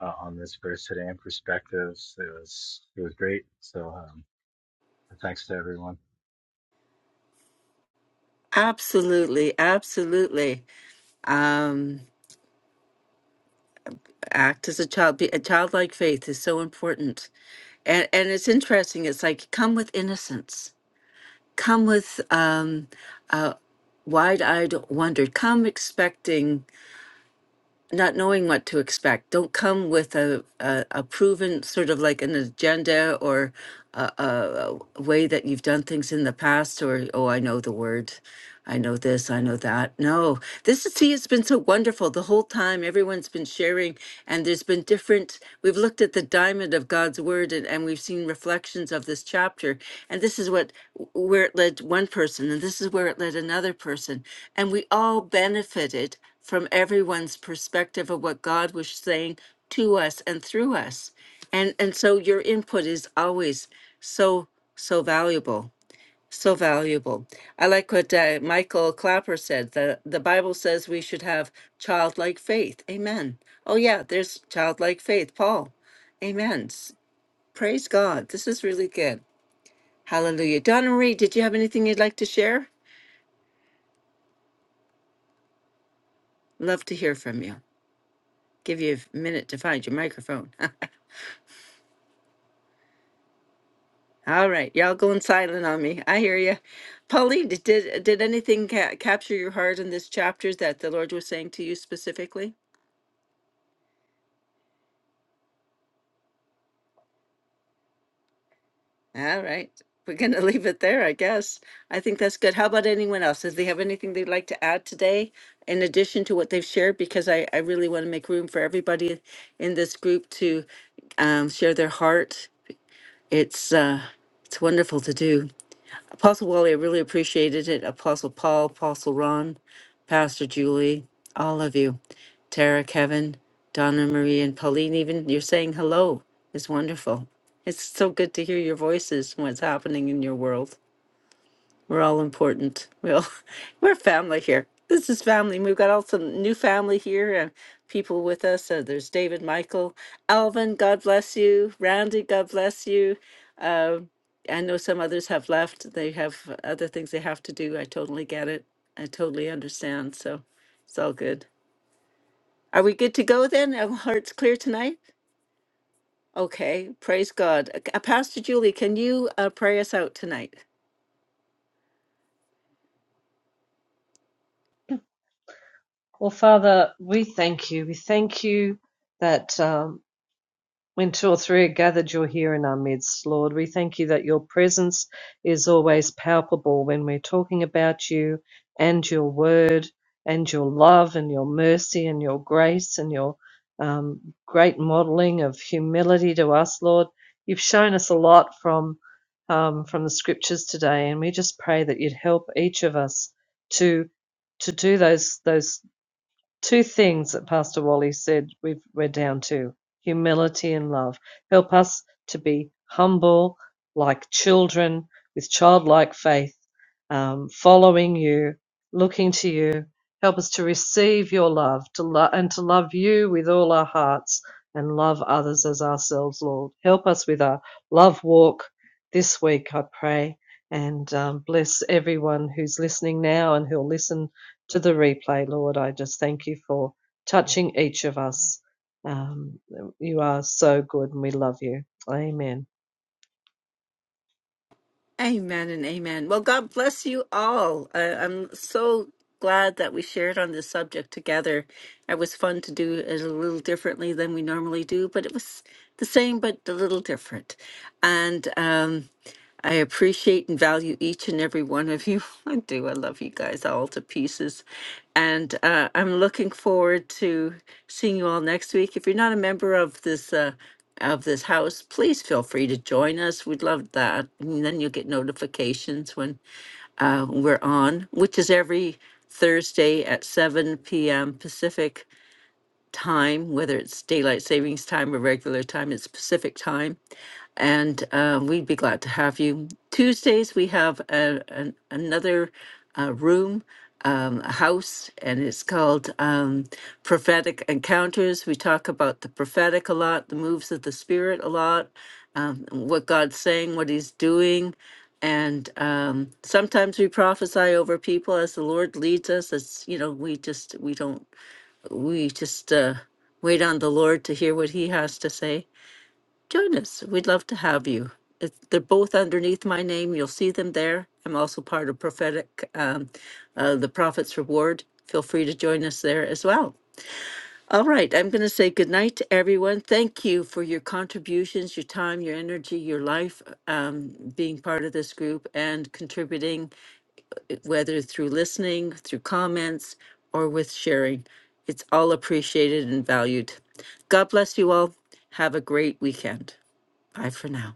uh, on this verse today and perspectives. It was it was great. So um, thanks to everyone. Absolutely. Absolutely. Um, act as a child. Be, a childlike faith is so important. And, and it's interesting. It's like come with innocence, come with um, wide eyed wonder, come expecting. not knowing what to expect. Don't come with a, a, a proven sort of like an agenda or a, a a way that you've done things in the past or, oh, I know the word. I know this, I know that. No, this is, see, it's been so wonderful the whole time. Everyone's been sharing, and there's been different. We've looked at the diamond of God's word, and, and we've seen reflections of this chapter. And this is what where it led one person, and this is where it led another person. And we all benefited from everyone's perspective of what God was saying to us and through us. And and so your input is always so so valuable, so valuable. I like what uh, Michael Clapper said. The the Bible says we should have childlike faith. Amen. Oh yeah, there's childlike faith. Paul. Amen. S- Praise God. This is really good. Hallelujah. Donna Marie, did you have anything you'd like to share? Love to hear from you. Give you a minute to find your microphone. All right, y'all going silent on me. I hear you. Pauline, did did did anything ca- capture your heart in this chapter that the Lord was saying to you specifically? All right, we're gonna leave it there, I guess. I think that's good. How about anyone else? Does they have anything they'd like to add today in addition to what they've shared? Because I I really want to make room for everybody in this group to um, share their heart. It's uh, it's wonderful to do. Apostle Wally, I really appreciated it. Apostle Paul, Apostle Ron, Pastor Julie, all of you, Tara, Kevin, Donna Marie, and Pauline, even you're saying hello is wonderful. It's so good to hear your voices and what's happening in your world. We're all important. We all, we're family here. This is family. We've got all some new family here and people with us. Uh, there's David, Michael, Alvin, God bless you. Randy, God bless you. I know some others have left. They have other things they have to do. I totally get it. I totally understand. So it's all good. Are we good to go then? Our hearts clear tonight? Okay. Praise God. Uh, uh, Pastor Julie, can you uh, pray us out tonight? well, Father, we thank you. We thank you that. Um, When two or three are gathered, you're here in our midst, Lord. We thank you that your presence is always palpable when we're talking about you and your word and your love and your mercy and your grace and your um, great modeling of humility to us, Lord. You've shown us a lot from um, from the scriptures today, and we just pray that you'd help each of us to to do those those two things that Pastor Wally said we've, we're down to humility and love. Help us to be humble, like children, with childlike faith, um, following you, looking to you. Help us to receive your love to lo- and to love you with all our hearts and love others as ourselves, Lord. Help us with our love walk this week, I pray. And um, bless everyone who's listening now and who'll listen to the replay, Lord. I just thank you for touching each of us. Um, you are so good and we love you. Amen. Amen and amen. Well, God bless you all. I, I'm so glad that we shared on this subject together. It was fun to do it a little differently than we normally do, but it was the same, but a little different. And, um, I appreciate and value each and every one of you. I do. I love you guys all to pieces. And uh, I'm looking forward to seeing you all next week. If you're not a member of this, uh, of this house, please feel free to join us. We'd love that. And then you'll get notifications when uh, we're on, which is every Thursday at 7 p.m. Pacific time, whether it's daylight savings time or regular time, it's Pacific time. And uh, we'd be glad to have you. Tuesdays, we have a, an, another uh, room, um, a house, and it's called um, Prophetic Encounters. We talk about the prophetic a lot, the moves of the Spirit a lot, um, what God's saying, what He's doing. And um, sometimes we prophesy over people as the Lord leads us. It's, you know, we just, we don't we just uh, wait on the Lord to hear what He has to say, join us. We'd love to have you. It, they're both underneath my name. You'll see them there. I'm also part of prophetic, um, uh, the Prophet's Reward. Feel free to join us there as well. All right, I'm going to say goodnight to everyone. Thank you for your contributions, your time, your energy, your life, um, being part of this group and contributing whether through listening, through comments, or with sharing. It's all appreciated and valued. God bless you all. Have a great weekend. Bye for now.